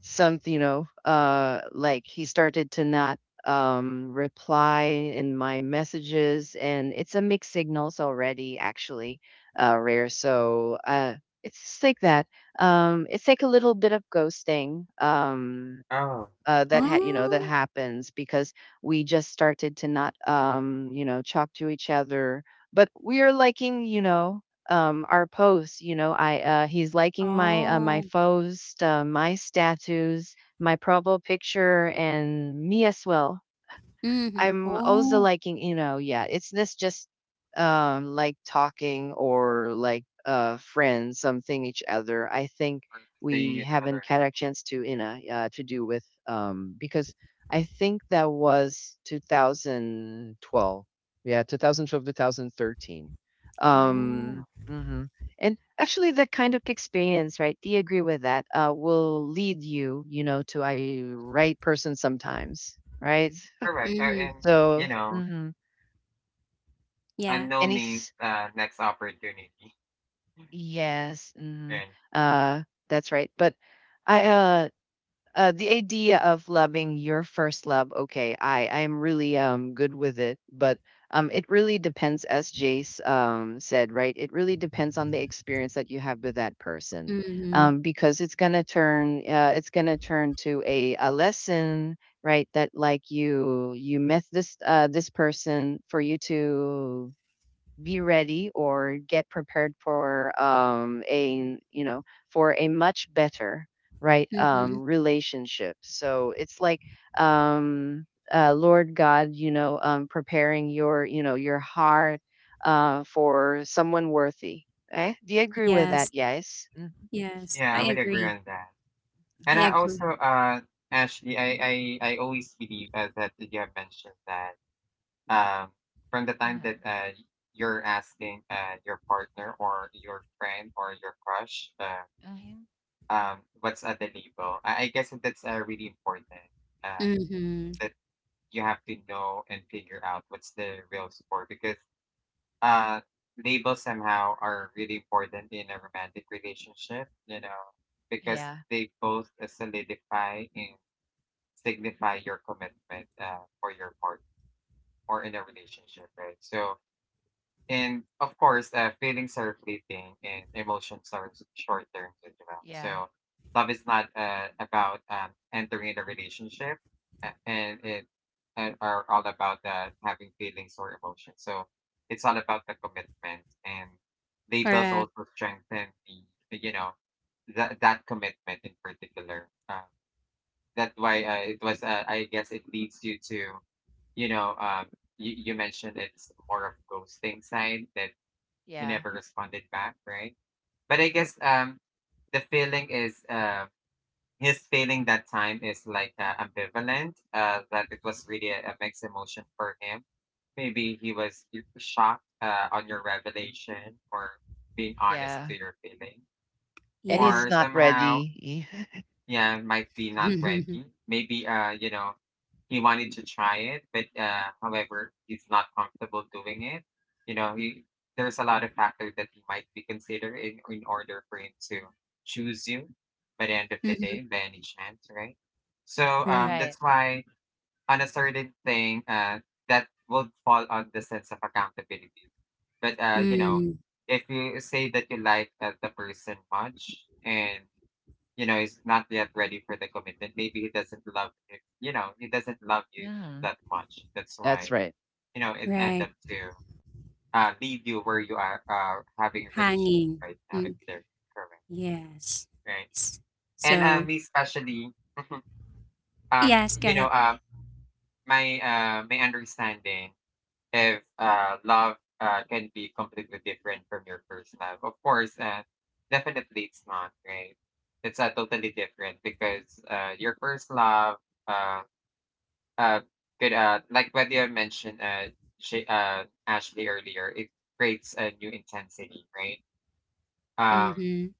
B: some, you know, like he started to not reply in my messages, and it's a mixed signals already, actually, rare. So, it's just like that. It's like a little bit of ghosting.
A: Oh,
B: That
A: sorry,
B: had you
A: thank
B: know
A: you
B: that
C: Oh,
B: happens because we just started to not talk to each other, but we are liking, you know, our posts, you know, I he's liking my
C: oh.
B: post, my status, my profile picture, and me as well.
C: Mhm.
B: I'm also
C: Oh,
B: liking, you know, yeah, it's this just like talking or like friends, something each other. I think
A: for seeing
B: we
A: each
B: haven't
A: other.
B: had a chance to, you know, to do with because I think that was 2012. Yeah, 2012, 2013.
C: oh.
B: Um mhm. And actually that kind of experience, right? Do you agree with that? Will lead you, you know, to a right person sometimes, right?
A: Correct.
C: Mhm.
A: And,
B: So
A: you know,
B: mhm,
C: Yeah.
B: and
A: unknown means
B: he's
A: next opportunity.
B: yes, mhm,
A: And
B: uh, that's right. But I, uh, the idea of loving your first love, okay, I am really good with it, but it really depends, as Jace said, right? It really depends on the experience that you have with that person,
C: Mhm.
B: because it's gonna turn to a lesson, right? That like you met this person for you to be ready or get prepared for a you know for a much better, right
C: Mhm.
B: relationship. So it's like um lord god, you know, preparing your, you know, your heart, for someone worthy, eh? Do you agree with that?
C: Yes.
B: Yes. Mhm.
C: Yes.
A: yeah,
C: I
A: I would agree
C: agree.
A: on that.
C: I
B: Mhm.
A: And I
C: agree.
A: also, Ashley, I always believe that you have mentioned that, um, from the time that you're asking your partner or your friend or your crush,
B: Mhm.
A: what's at the label? I guess that's really important. Uh,
C: Mhm.
A: that you have to know and figure out what's the real score because Uh, labels somehow are really important in a romantic relationship, you know, because
B: Yeah,
A: they both solidify and signify your commitment for your partner or in a relationship, right? So, and of course, feelings are fleeting and emotions are short term as well.
B: yeah,
A: So, love is not about entering a relationship, and it and are all about having feelings or emotions. So, it's all about the commitment, and labels
C: Correct.
A: also strengthen the you know that commitment in particular. That's why it was. I guess it leads you to, you know um, you mentioned it's more of ghosting side that. He
B: yeah,
A: never responded back, right? But I guess the feeling is, his feeling that time is like ambivalent. That it was really a mixed emotion for him. Maybe he was shocked on your revelation or being honest
B: yeah.
A: to your feeling,
B: And
C: Yeah.
B: it's
A: or
B: not
A: somehow,
B: ready.
A: yeah, might be not ready. Maybe, he wanted to try it, but however, he's not comfortable doing it. You know, he there's a lot of factors that he might be considering in order for him to choose you by the end of the
C: Mhm.
A: day, by any chance, right? So
C: Right.
B: Right.
A: that's why on a certain thing, that would fall on the sense of accountability. But
C: Mm.
A: if you say that you like the person much and is not yet ready for the commitment. Maybe he doesn't love you. You know, he doesn't love you
B: Hmm.
A: that much. That's
B: That's
A: why
B: right.
A: it end up
C: Right.
A: to leave you where you are having a relationship
C: Hanging.
A: right now, if
C: Mm.
A: they're correct,
C: Yes.
A: right?
C: S-
A: And
C: So,
A: me especially, um,
C: yes, go
A: you
C: ahead.
A: know, uh, my my understanding, if love can be completely different from your first love. Of course, definitely it's not right. It's totally different because your first love, uh, Uh, good. Like what you mentioned, Ashley earlier, it creates a new intensity, right? Um,
C: Mhm.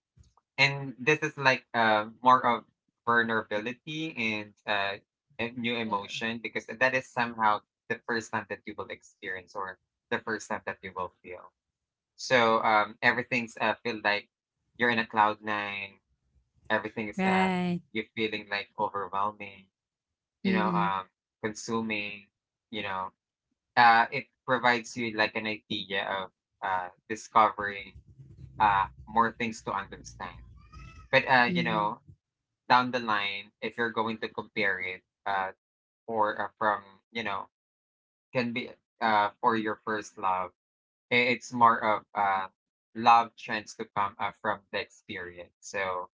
A: and this is like more of vulnerability and a new
B: Uh,
A: emotion because that is somehow the first time that you will experience or the first time that you will feel. So everything's feel like you're in a cloud nine. Everything is,
C: Right.
A: you're feeling like overwhelming, you know,
C: Mhm.
A: consuming, you know. It provides you like an idea of discovering more things to understand. But
C: Mhm.
A: down the line, if you're going to compare it for from you know can be for your first love, it's more of love trends to come from the experience. So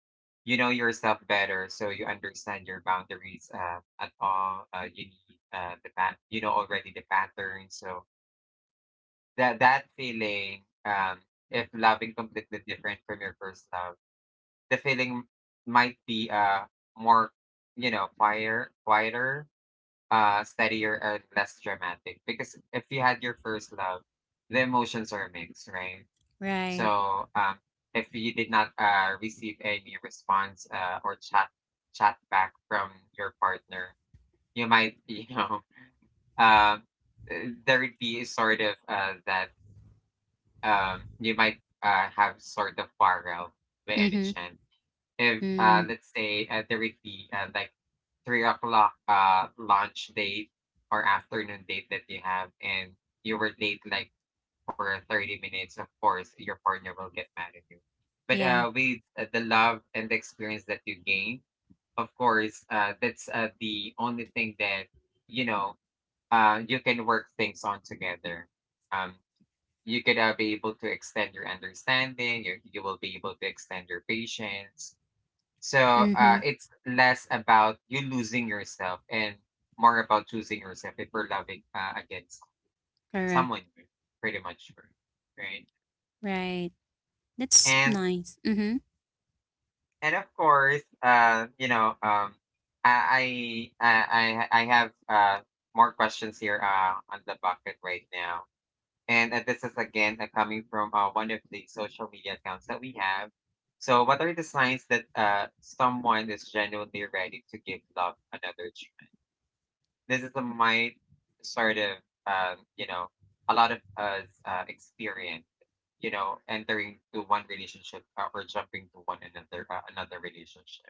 A: you know yourself better, so you understand your boundaries at all. You need you know already the pattern, so That feeling, if loving completely different from your first love, the feeling might be more, you know, quieter, quieter, steadier and less dramatic. Because if you had your first love, the emotions are mixed, right?
C: Right.
A: So if you did not receive any response or chat back from your partner, you might, you know, um, uh, there'd be sort of that you might have sort of quarrel by any
C: Mhm.
A: chance. If
C: Mm.
A: let's say there would be like 3 o'clock lunch date or afternoon date that you have, and you were late like for 30 minutes. Of course your partner will get mad at you. But
C: Yeah.
A: with the love and the experience that you gain, of course, that's the only thing that you know you can work things on together. Um, you could be able to extend your understanding. You will be able to extend your patience, so
C: Mhm.
A: it's less about you losing yourself and more about choosing yourself if you're loving against
C: Correct.
A: someone you pretty much sure, right?
C: Right. That's
A: and
C: nice. Mhm.
A: and of course, you know, I have more questions here on the bucket right now. And this is again coming from one of the social media accounts that we have. So, what are the signs that someone is genuinely ready to give love another chance? This is a, my sort of, you know, a lot of us experience, you know, entering to one relationship or jumping to one another another relationship.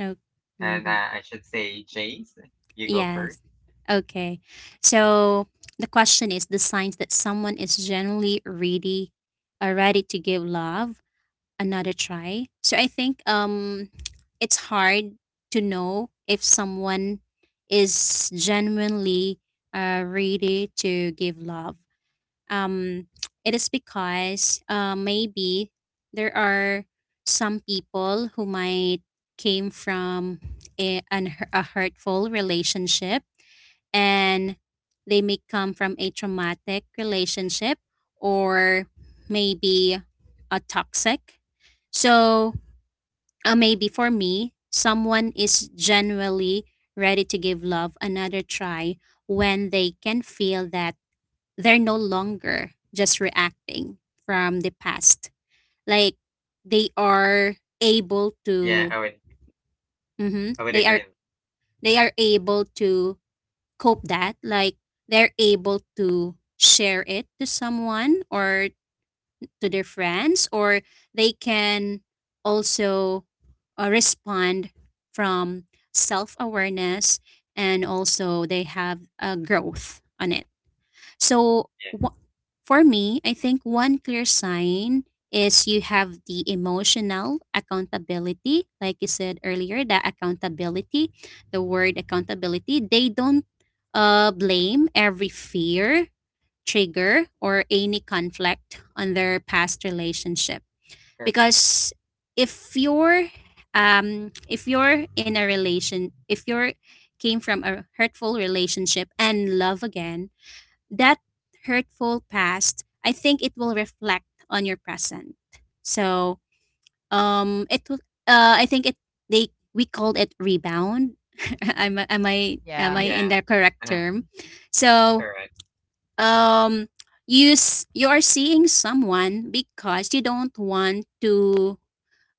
C: Oh.
A: And
C: Mhm.
A: I should say, James, you go first.
C: Yes. Okay. So the question is the signs that someone is generally ready, ready to give love another try. So I think it's hard to know if someone is genuinely ready to give love. Um, it is because maybe there are some people who might came from a, an, a hurtful relationship, and they may come from a traumatic relationship, or maybe a toxic. So maybe for me, someone is genuinely ready to give love another try when they can feel that they're no longer just reacting from the past, like they are able
A: Yeah,
C: to,
A: I would
C: mhm,
A: I would
C: they are
A: agree.
C: they are able to cope that, like they're able to share it to someone or to their friends, or they can also respond from self-awareness, and also they have a growth on it. So,
A: Yeah,
C: for me, I think one clear sign is you have the emotional accountability. Like you said earlier, the accountability, the word accountability, they don't blame every fear, trigger, or any conflict on their past relationship. Because if you're um if you're in a relation if you're came from a hurtful relationship and love again, that hurtful past, I think it will reflect on your present. So, it will. I think it, they we called it rebound. Am, I- am I am I
B: yeah,
C: in
A: yeah,
C: the correct
A: uh,
C: term? So,
A: correct.
C: um, you are seeing someone because you don't want to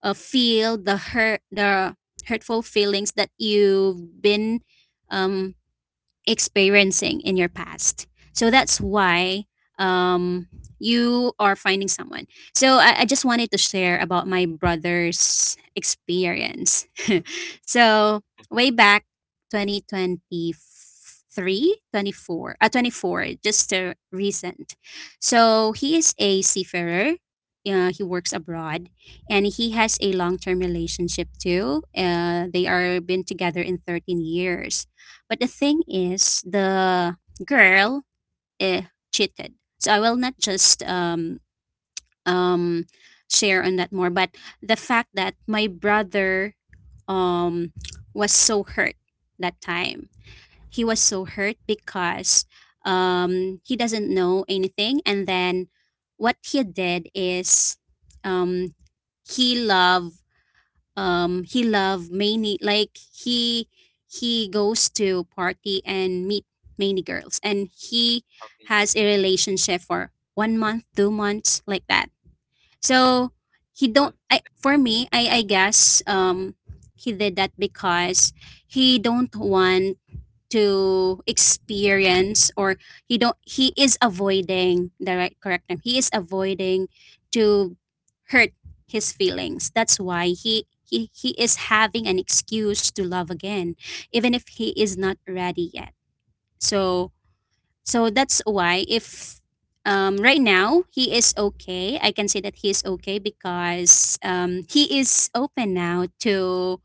C: feel the hurt, the hurtful feelings that you've been um experiencing in your past. So that's why um, you are finding someone. So I just wanted to share about my brother's experience. So way back 2023 20 four, 24, 24, just recent. So he is a seafarer. He works abroad, and he has a long-term relationship too. They are been together in 13 years. But the thing is, the girl eh, cheated. So I will not just um, share on that more. But the fact that my brother um, was so hurt that time, he was so hurt because he doesn't know anything. And then what he did is, um, he loved he love many, like he goes to party and meet many girls, and he
A: Helping
C: has a relationship for 1 month, 2 months, like that. So he
A: will be
C: don't,
A: you.
C: I for me I guess he did that because he don't want to experience, or he don't, he is avoiding, the right correct term, he is avoiding to hurt his feelings. That's why he is having an excuse to love again, even if he is not ready yet. So so that's why if right now he is okay. I can say that he is okay because he is open now to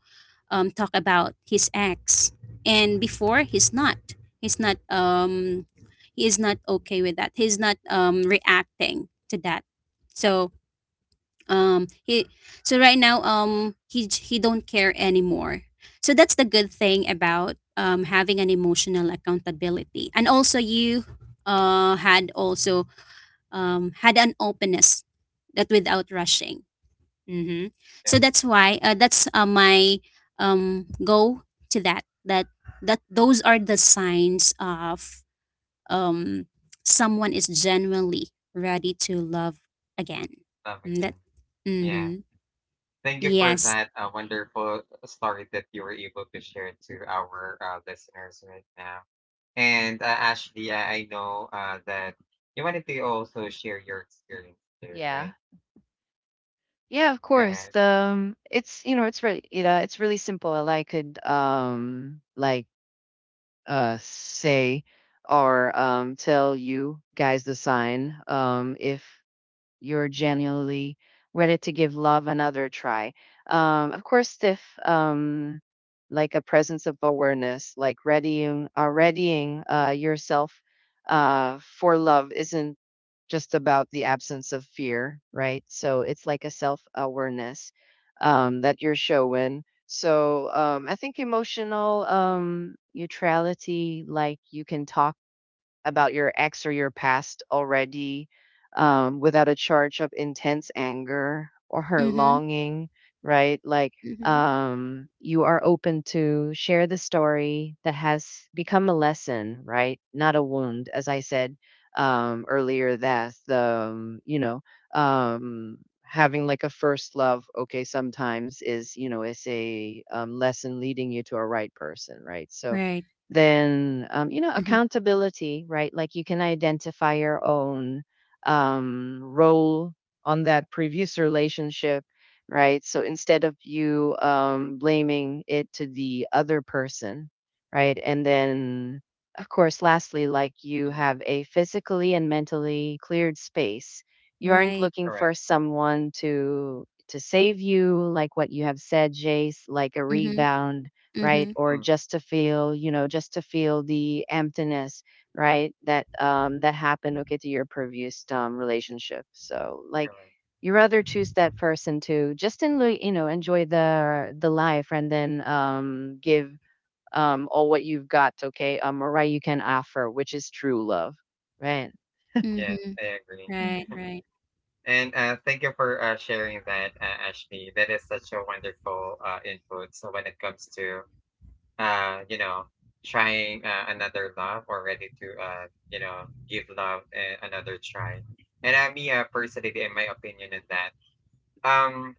C: talk about his ex, and before he's not. He's not. He is not okay with that. He's not reacting to that. So um, he. So right now, he don't care anymore. So that's the good thing about having an emotional accountability, and also you had also had an openness that without rushing. Mm-hmm. So
A: Yeah,
C: that's
A: mm,
C: why that's my go to that, that those are the signs of um someone is genuinely ready to love again.
A: love
C: Mm.
A: again.
C: That
A: Yeah.
C: mm-hmm.
A: Thank you for
C: Yes.
A: that wonderful story that you were able to share to our listeners right now. And Ashley, I know that you wanted to also share your experience too,
B: yeah.
A: right?
B: Yeah, of course.
A: Yeah.
B: It's you know, it's really, you know, it's really simple. I could like say or tell you guys the sign if you're genuinely ready to give love another try. Of course, if like a presence of awareness, like readying yourself for love isn't just about the absence of fear, right? So it's like a self awareness that you're showing. So I think emotional neutrality, like you can talk about your ex or your past already without a charge of intense anger or her
C: Mm-hmm.
B: longing, right? Like
C: Mm-hmm.
B: you are open to share the story that has become a lesson, right? Not a wound, as I said earlier. That the um, you know um, having like a first love, okay, sometimes is, you know, is a lesson leading you to a right person, right? So
C: Right.
B: then, you know,
C: Mm-hmm.
B: accountability, right? Like you can identify your own role on that previous relationship, right? So instead of you blaming it to the other person, right? And then, of course, lastly, like you
A: Mm,
B: have a physically and mentally cleared space. You aren't
C: Right.
B: looking for
A: correct.
B: someone to save you, like what you have said Jace, like a
C: Mm-hmm.
B: rebound, right?
C: Mm-hmm.
B: Or
A: Mm,
B: just to feel, you know, just to feel the emptiness, right? That that happened, okay, to your previous relationship. So like
A: correct.
B: you rather choose that person to just in, you know, enjoy the life, and then give all what you've got, okay, or right you can offer, which is true love, right?
A: Yes,
C: Mm-hmm.
A: I agree.
C: Right. Right.
A: And thank you for sharing that, Ashley. That is such a wonderful input. So when it comes to you know, trying another love or ready to, you know, give love another try. And I mean, personally, in my opinion, in that, um,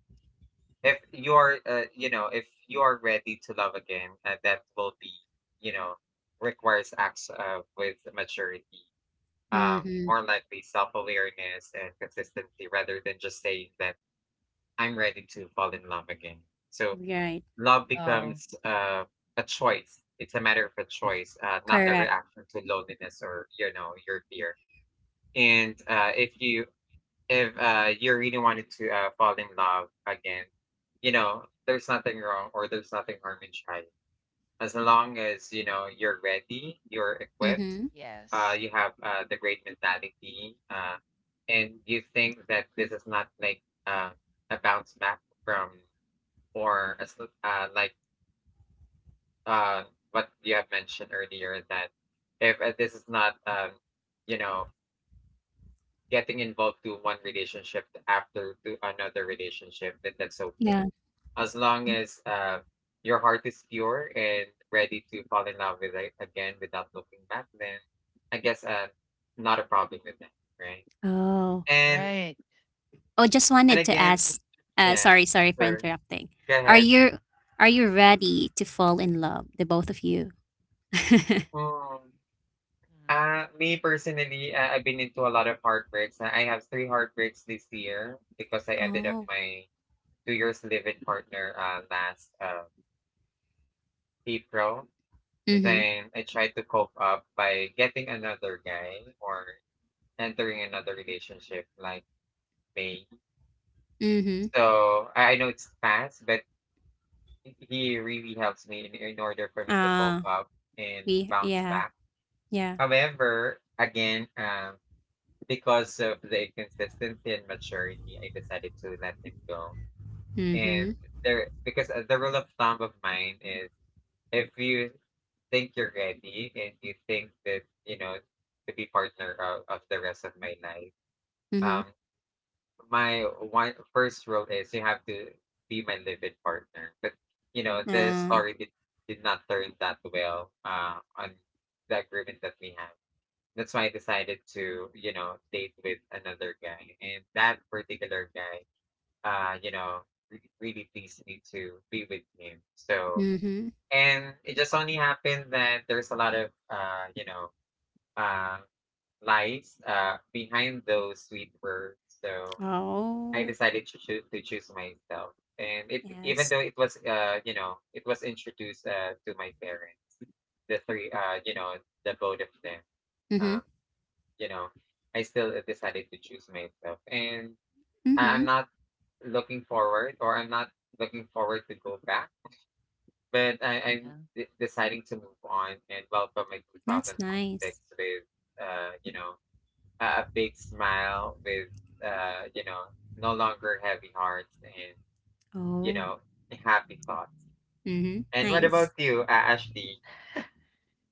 A: if you are, you know, if you are ready to love again, that will be, you know, requires acts with maturity, um,
C: Mm-hmm.
A: more likely self awareness and consistency rather than just saying that I'm ready to fall in love again. So
C: Right.
A: love
B: Oh,
A: becomes a choice. It's a matter of a choice, not a
C: Correct.
A: reaction to loneliness or you know your fear. And if you really wanted to fall in love again, you know there's nothing wrong or there's nothing harm in trying. As long as you know you're ready, you're
C: Mm-hmm.
A: equipped,
B: yes.
A: you have the great mentality, and you think that this is not like uh, a bounce back from or a, like uh, what you have mentioned earlier that if this is not, you know, getting involved to one relationship after to another relationship, then that's
C: Yeah.
A: okay. As long as your heart is pure and ready to fall in love with it again without looking back, then I guess not a problem with that, right?
C: Oh.
A: And
B: Right.
C: Oh, just
A: and
C: wanted to
A: again,
C: ask.
A: yeah,
C: Sorry, sorry for
A: sure,
C: interrupting. Are
A: go
C: you, are you ready to fall in love, the both of you?
A: ahead. Ah, me personally, I've been into a lot of heartbreaks. I have 3 heartbreaks this year because I ended up
C: Oh.
A: my 2 years live partner last April.
C: Mhm.
A: Then I tried to cope up by getting another guy or entering another relationship like May.
C: Mhm.
A: So I know it's fast, but he really helps me in order for me to
C: Ah,
A: cope up and
C: we
A: bounce
C: yeah.
A: back.
C: Yeah.
A: However, again, because of the inconsistency and maturity, I decided to let it go. And
C: Mhm.
A: there, because the rule of thumb of mine is if you think you're ready and you think that, you know, to be partner of the rest of my life,
C: Mhm.
A: um, my one first rule is you have to be my live-in partner. But, you know, the
C: Ah.
A: story did not turn that well on the agreement that we had. That's why I decided to, you know, date with another guy. And that particular guy, you know, really pleased me to be with him. So,
C: Mhm.
A: and it just only happened that there's a lot of, you know, uh, lies behind those sweet words. So I
C: Oh.
A: decided to, to choose myself. And it, even
C: Yes.
A: though it was, you know, it was introduced to my parents, the three, you know, the both of them.
C: Mhm.
A: uh, you know, I still decided to choose myself. And
C: Mhm.
A: I'm not looking forward or I'm not looking forward to go back, but I'm
B: Mhm.
A: deciding to move on and welcome my
C: That's nice.
A: 2026 with, you know, a big smile, with, you know, no longer heavy hearts and, you
C: Oh.
A: know, happy thoughts.
C: Mhm.
A: And what
C: Nice.
A: about you, Ashley?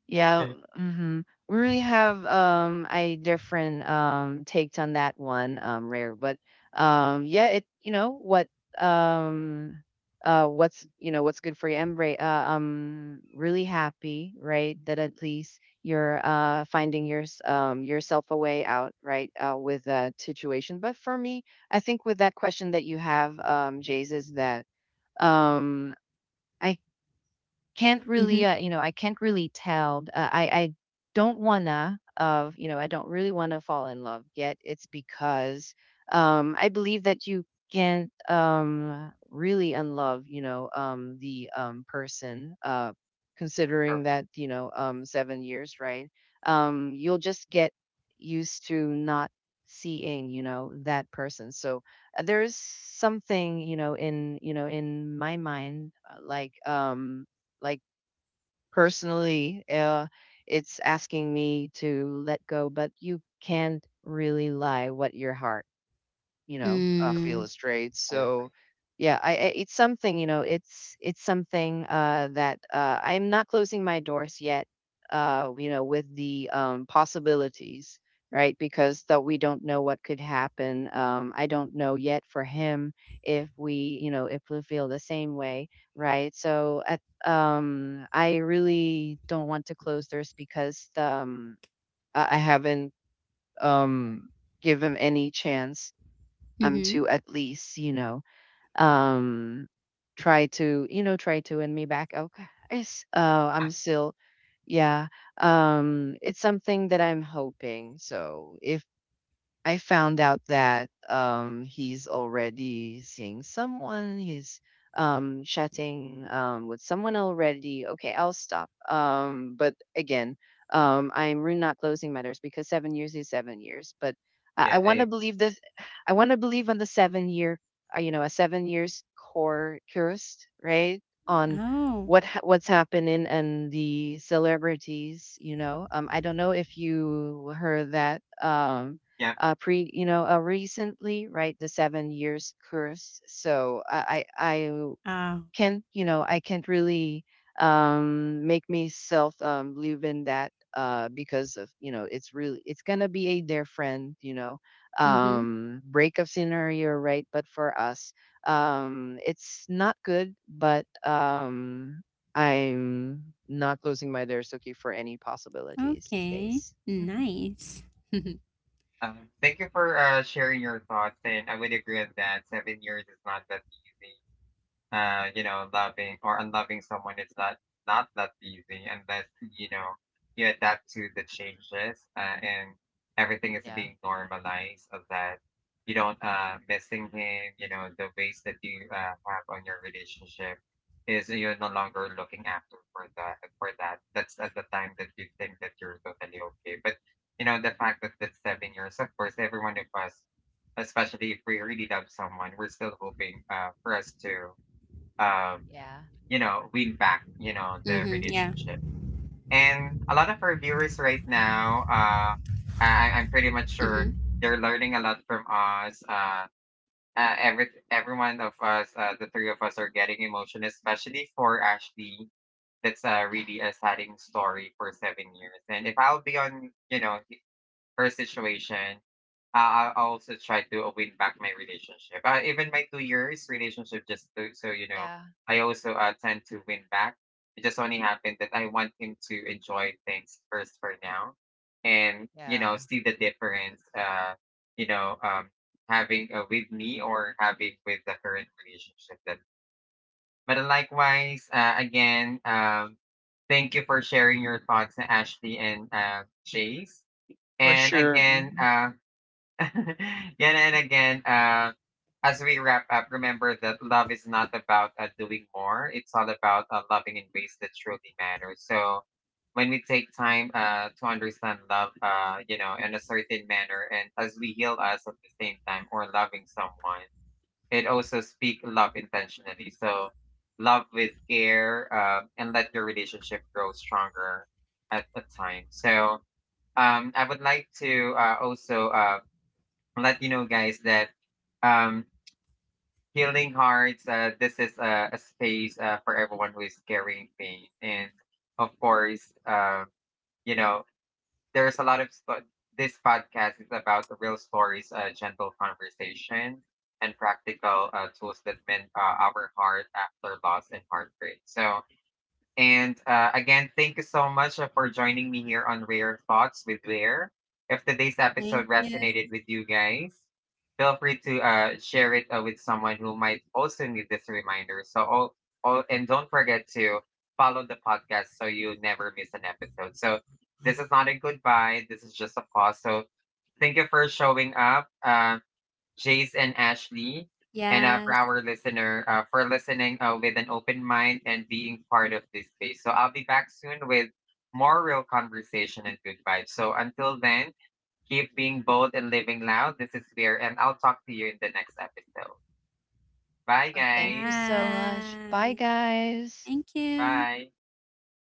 B: Yeah. Hmm. We really have a different takes on that one, rare. But yeah, it you know what, um what's, you know, what's good for you. I'm very really happy, right, that at least you're finding yourself a way out, right, with that situation. But for me, I think with that question that you have, Jays, is that um I can't
C: Mhm.
B: really you know, I can't really tell, I don't wanna, of you know, I don't really wanna fall in love yet. It's because I believe that you can't really unlove, you know, the person, considering
A: Correct,
B: that, you know, 7 years, right? You'll just get used to not seeing, you know, that person. So there's something, you know, in you know, in my mind, like personally, it's asking me to let go, but you can't really lie what your heart, you know, feel
C: Mm.
A: correct.
B: is straight.
A: I
B: So
A: agree.
B: yeah, I it's something, you know, it's something that I'm not closing my doors yet, you know, with the possibilities, right? Because that we don't know what could happen. I don't know yet for him if we, you know, if we feel the same way, right? So at I really don't want to close doors because I haven't um give him any chance
C: Mhm.
B: to at least, you know, um try to, you know, try to win me back, okay. I'm
A: Ah,
B: still yeah, it's something that I'm hoping. So if I found out that he's already seeing someone, he's chatting with someone already, okay, I'll stop. Um, but again, I'm really not closing matters, because 7 years is 7 years. But I
A: yeah, I
B: wanna
A: agree.
B: believe this I wanna believe on the 7 year, you know, a 7 years core cursed, right? On
C: Oh.
B: what what's happening and the celebrities, you know. Um, I don't know if you heard that.
A: Yeah.
B: You know, recently, right? The 7 years curse. So I
C: Oh.
B: can't, you know, I can't really make myself live in that because of, you know, it's really, it's gonna be a dear friend, you know,
C: Mhm.
B: breakup scenario, right? But for us, it's not good, but I'm not closing my doors, okay, for any possibilities,
C: Okay.
B: days.
C: Nice.
A: Thank you for sharing your thoughts, and I would agree on that. 7 years is not that easy. You know, loving or unloving someone is not not that easy unless you know you adapt to the changes and everything is
B: Yeah.
A: being normalized so that you don't missing him. You know, the ways that you have on your relationship is you're no longer looking after for that, for that. That's at the time that you think that you're totally okay, but. You know, the fact that that's 7 years, of course, every one of us especially if we really love someone, we're still hoping for us to um,
B: Yeah.
A: you know, win back, you know, the
C: Mhm, yeah.
A: relationship. And a lot of our viewers right now, I'm pretty much
C: Mhm.
A: sure they're learning a lot from us. Every one of us, the three of us, are getting emotional, especially for Ashley. That's really a saddening story for 7 years. And if I'll be on, you know, her situation, I also try to win back my relationship. Even my 2 years relationship, just to, so you know,
B: Yeah.
A: I also tend to win back. It just only happened that I want him to enjoy things first for now, and you know,
B: Yeah,
A: see the difference. You know, having with me or having with the current relationship. That, but likewise, again, thank you for sharing your thoughts, Ashley and Chase
B: for
A: and
B: sure,
A: again,
B: mhm.
A: yeah, and again, as we wrap up, remember that love is not about doing more. It's all about loving in ways that truly matter. So when we take time to understand love, you know, in a certain manner, and as we heal us at the same time or loving someone, it also speak love intentionally. So love with care and let your relationship grow stronger at the time. So I would like to also let you know, guys, that um, Healing Hearts, this is a space for everyone who is carrying pain. And of course, you know, there's a lot of this podcast is about the real stories, gentle conversation, and practical tools that mend our heart after loss and heartbreak. So, and again, thank you so much for joining me here on Rare Thoughts with Rare. If today's
C: Thank
A: episode
C: you.
A: resonated with you guys, feel free to share it with someone who might also need this reminder. So, and don't forget to follow the podcast so you never miss an episode. So, this is not a goodbye. This is just a pause. So, thank you for showing up. Jace and Ashley, and for
C: Yes.
A: our listener, for listening with an open mind and being part of this space. So I'll be back soon with more real conversation and good vibes. So until then, keep being bold and living loud. This is Spear, and I'll talk to you in the next episode. Bye,
B: Oh, thank
A: guys.
B: you so much.
C: Bye.
B: Bye, guys.
C: Thank you.
A: Bye.
B: Thank.